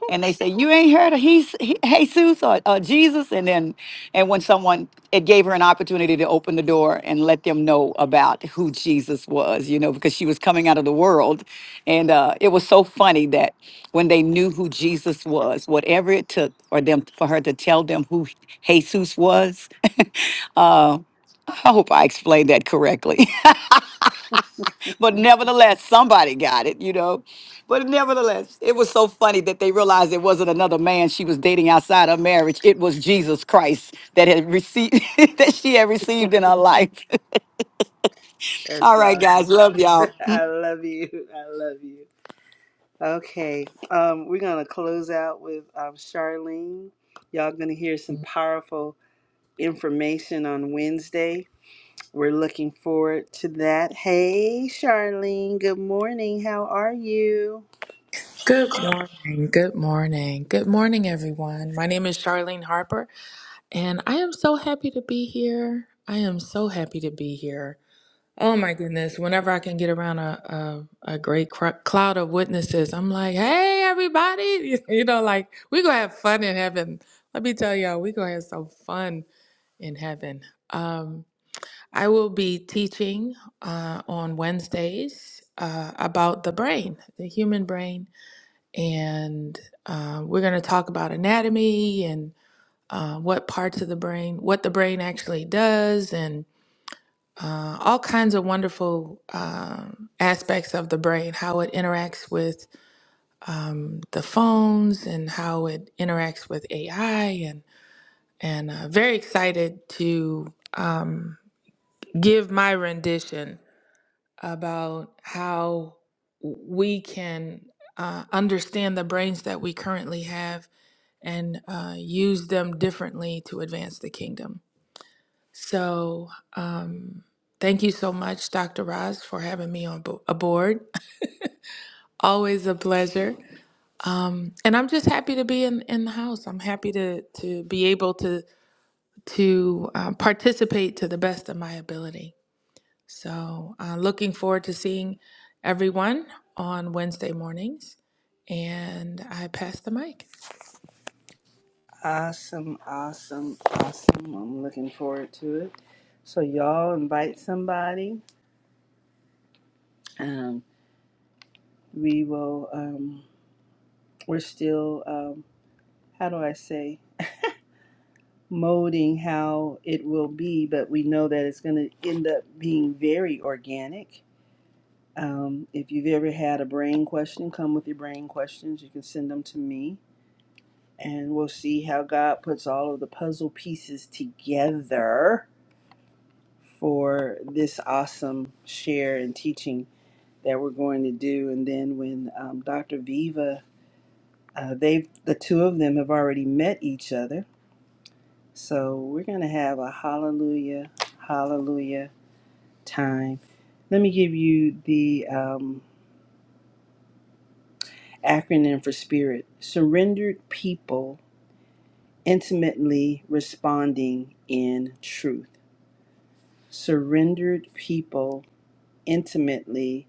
H: and they say you ain't heard of Hes- He- jesus or, or jesus and then and when someone it gave her an opportunity to open the door and let them know about who jesus was you know because she was coming out of the world and uh, it was so funny that when they knew who jesus was whatever it took for them for her to tell them who jesus was i hope i explained that correctly but nevertheless, somebody got it, you know. But nevertheless, it was so funny that they realized it wasn't another man she was dating outside her marriage. It was Jesus Christ that had received that she had received in her life.
A: that's
H: All right, guys,
A: awesome.
H: love y'all.
A: I love you. I love you. Okay, um, we're gonna close out with um, Charlene. Y'all gonna hear some powerful information on Wednesday. We're looking forward to that. Hey, Charlene. Good morning. How are you?
I: Good morning. Good morning. Good morning, everyone. My name is Charlene Harper, and I am so happy to be here. I am so happy to be here. Oh my goodness. Whenever I can get around a, a, a great cr- cloud of witnesses, I'm like, hey, everybody. You know, like, we going to have fun in heaven. Let me tell y'all, we going to have some fun in heaven. Um, I will be teaching uh, on Wednesdays uh, about the brain, the human brain and uh, we're going to talk about anatomy and uh, what parts of the brain, what the brain actually does, and uh, all kinds of wonderful um, aspects of the brain, how it interacts with um, the phones and how it interacts with AI, and and uh, very excited to um, give my rendition about how we can uh, understand the brains that we currently have and uh, use them differently to advance the kingdom. So, um, thank you so much, Dr. Roz, for having me on bo- aboard. Always a pleasure. Um, and I'm just happy to be in, in the house. I'm happy to to be able to to um, participate to the best of my ability. So, uh, looking forward to seeing everyone on Wednesday mornings. And I pass the mic.
A: Awesome, awesome, awesome. I'm looking forward to it. So y'all invite somebody. Um, we will. Um, we're still. Um, how do I say? molding how it will be, but we know that it's going to end up being very organic. Um, if you've ever had a brain question, come with your brain questions. You can send them to me, and we'll see how God puts all of the puzzle pieces together for this awesome share and teaching that we're going to do. And then when um, Dr. Viva, uh, they've the two of them have already met each other, so we're going to have a hallelujah, hallelujah time. Let me give you the um, acronym for SPIRIT Surrendered People Intimately Responding in Truth. Surrendered People Intimately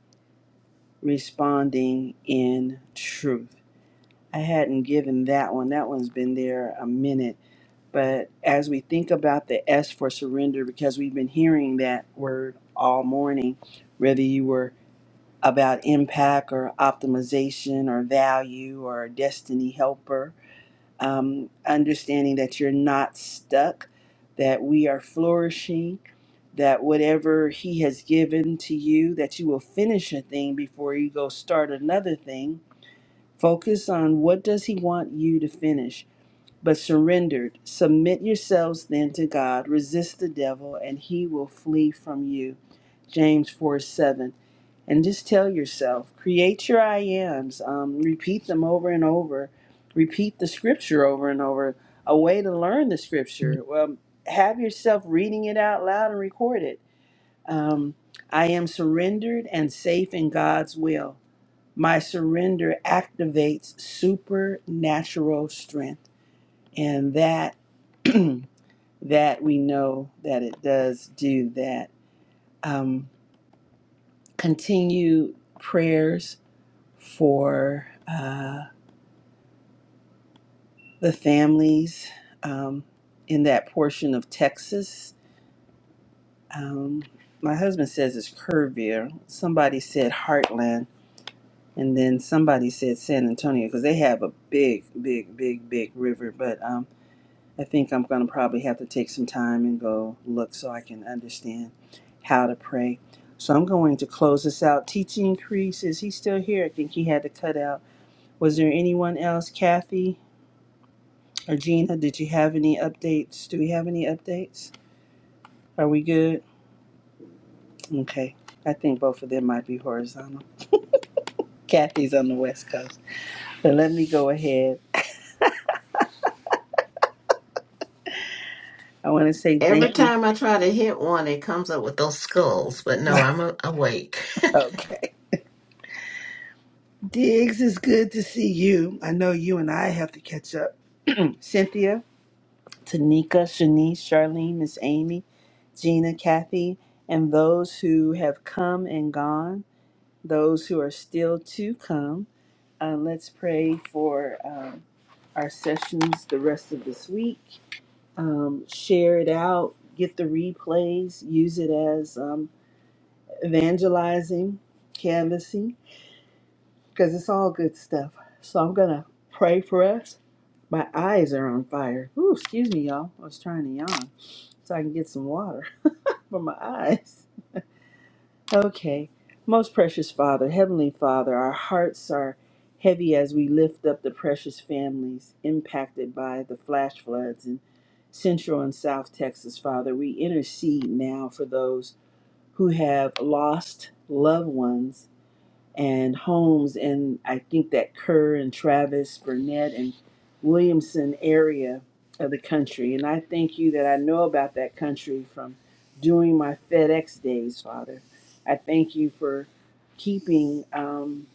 A: Responding in Truth. I hadn't given that one, that one's been there a minute. But as we think about the S for surrender, because we've been hearing that word all morning, whether you were about impact or optimization or value or destiny helper. Um, understanding that you're not stuck, that we are flourishing, that whatever He has given to you, that you will finish a thing before you go start another thing. Focus on what does He want you to finish, but surrendered. Submit yourselves then to God. Resist the devil, and He will flee from you. James 4 7 and just tell yourself create your i ams um, repeat them over and over repeat the scripture over and over a way to learn the scripture well, have yourself reading it out loud and record it um, i am surrendered and safe in god's will my surrender activates supernatural strength and that that we know that it does do that um, continue prayers for uh, the families um, in that portion of Texas. Um, my husband says it's Kerrville. Somebody said Heartland, and then somebody said San Antonio because they have a big, big, big, big river. But um, I think I'm going to probably have to take some time and go look so I can understand how to pray. So I'm going to close this out. Teaching Crease, is he still here? I think he had to cut out. Was there anyone else? Kathy? Regina, did you have any updates? Do we have any updates? Are we good? Okay. I think both of them might be horizontal. Kathy's on the West Coast. But let me go ahead. I want to say
D: Every
A: thank you.
D: time I try to hit one, it comes up with those skulls. But no, I'm a- awake.
A: Okay. Diggs, it's good to see you. I know you and I have to catch up. Cynthia, Tanika, Shanice, Charlene, Miss Amy, Gina, Kathy, and those who have come and gone. those who are still to come. Uh, let's pray for um, our sessions the rest of this week. Um, share it out, get the replays, use it as um, evangelizing, canvassing, because it's all good stuff. So I'm going to pray for us. My eyes are on fire. Ooh, excuse me, y'all. I was trying to yawn so I can get some water for my eyes. Okay. Most precious Father, Heavenly Father, our hearts are heavy as we lift up the precious families impacted by the flash floods in Central and South Texas, Father. We intercede now for those who have lost loved ones and homes in I think that Kerr and Travis, Burnett and Williamson area of the country. And I thank you that I know about that country from doing my FedEx days, Father. I thank you for keeping um,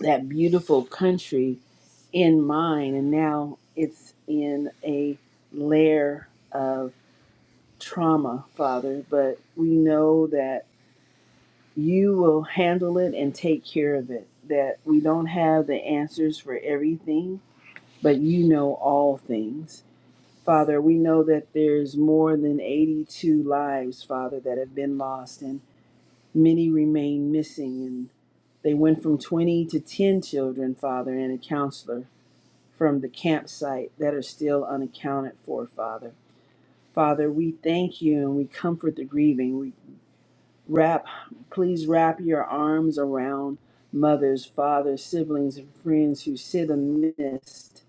A: that beautiful country in mind. And now it's in a layer of trauma, Father. But we know that. you will handle it and take care of it. That we don't have the answers for everything, but you know all things. Father, we know that there's more than 82 lives, Father, that have been lost, and many remain missing. And they went from 20 to 10 children, Father, and a counselor from the campsite that are still unaccounted for, Father. Father, we thank you and we comfort the grieving. We Wrap, please wrap your arms around mothers, fathers, siblings, and friends who sit amidst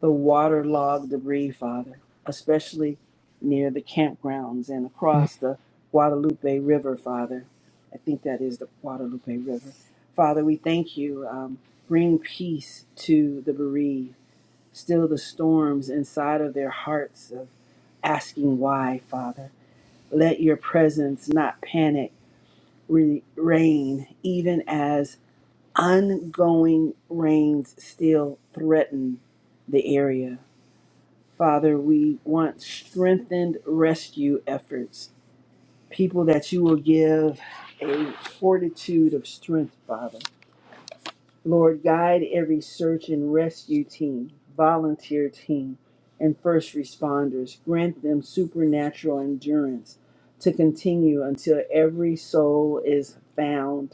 A: the waterlogged debris, Father, especially near the campgrounds and across the Guadalupe River, Father. I think that is the Guadalupe River. Father, we thank you. Um, bring peace to the bereaved. Still the storms inside of their hearts of asking why, Father. Let your presence not panic re- reign, even as ongoing rains still threaten the area. Father, we want strengthened rescue efforts, people that you will give a fortitude of strength, Father. Lord, guide every search and rescue team, volunteer team, and first responders. Grant them supernatural endurance to continue until every soul is found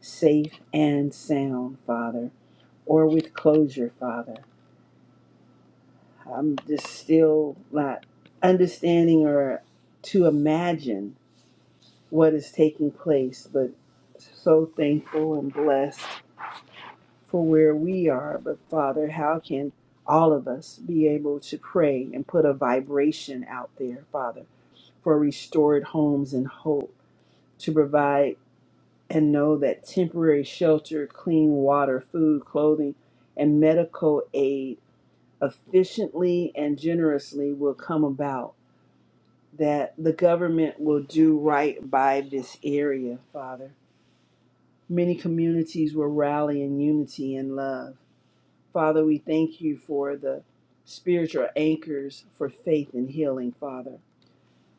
A: safe and sound, Father, or with closure, Father. I'm just still not understanding or to imagine what is taking place, but so thankful and blessed for where we are. But Father, how can all of us be able to pray and put a vibration out there, Father, for restored homes and hope to provide? and know that temporary shelter, clean water, food, clothing, and medical aid efficiently and generously will come about. That the government will do right by this area, Father. Many communities will rally in unity and love. Father, we thank you for the spiritual anchors for faith and healing, Father.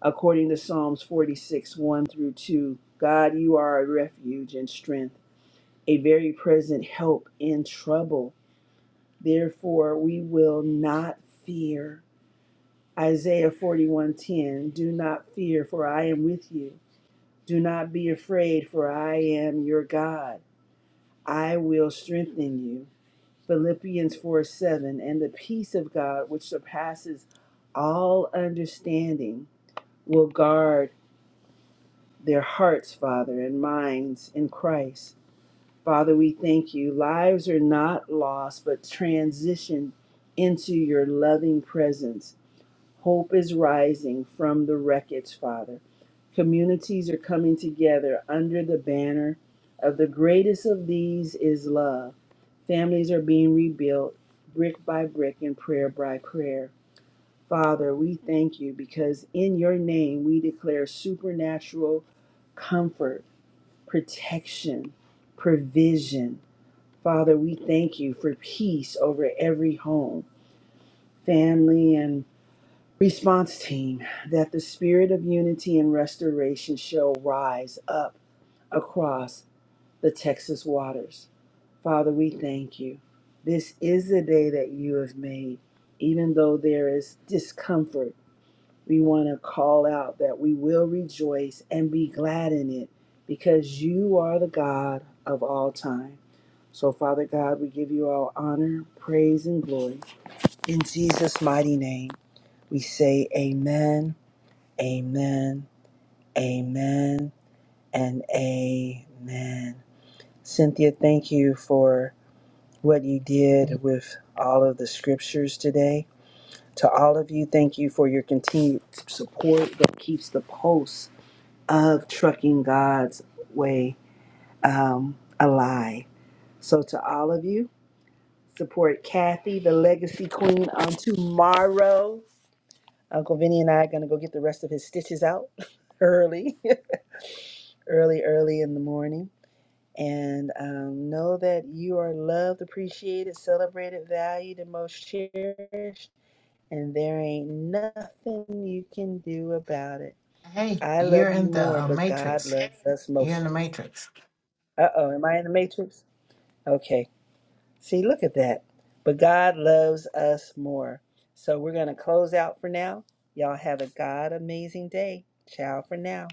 A: According to Psalms 46 1 through 2, God, you are a refuge and strength a very present help in trouble. Therefore, we will not fear. Isaiah 41:10 Do not fear, for I am with you. Do not be afraid, for I am your God. I will strengthen you. Philippians 4:7 And the peace of God, which surpasses all understanding, will guard their hearts, Father, and minds in Christ. Father, we thank you. Lives are not lost, but transitioned into your loving presence. Hope is rising from the wreckage, Father. Communities are coming together under the banner of the greatest of these is love. Families are being rebuilt brick by brick and prayer by prayer. Father, we thank you because in your name we declare supernatural comfort, protection, provision. Father, we thank you for peace over every home, family, and response team, that the spirit of unity and restoration shall rise up across the Texas waters. Father, we thank you. This is the day that you have made. Even though there is discomfort, we want to call out that we will rejoice and be glad in it because you are the God of all time. So, Father God, we give you all honor, praise, and glory. In Jesus' mighty name, we say amen, amen, amen, and amen. Cynthia, thank you for what you did with all of the scriptures today. To all of you, thank you for your continued support that keeps the pulse of trucking God's way um, alive. So, to all of you, support Kathy, the legacy queen, on tomorrow. Uncle Vinny and I are going to go get the rest of his stitches out early, early, early in the morning. And um, know that you are loved, appreciated, celebrated, valued, and most cherished. And there ain't nothing you can do about it.
D: hey,
A: I
D: you're
A: love you
D: in
A: more,
D: the uh,
A: but God
D: Matrix.
A: loves us
D: You're
A: most.
D: in the Matrix.
A: Uh oh, am I in the matrix? Okay. See, look at that. But God loves us more. So we're going to close out for now. Y'all have a God amazing day. Ciao for now.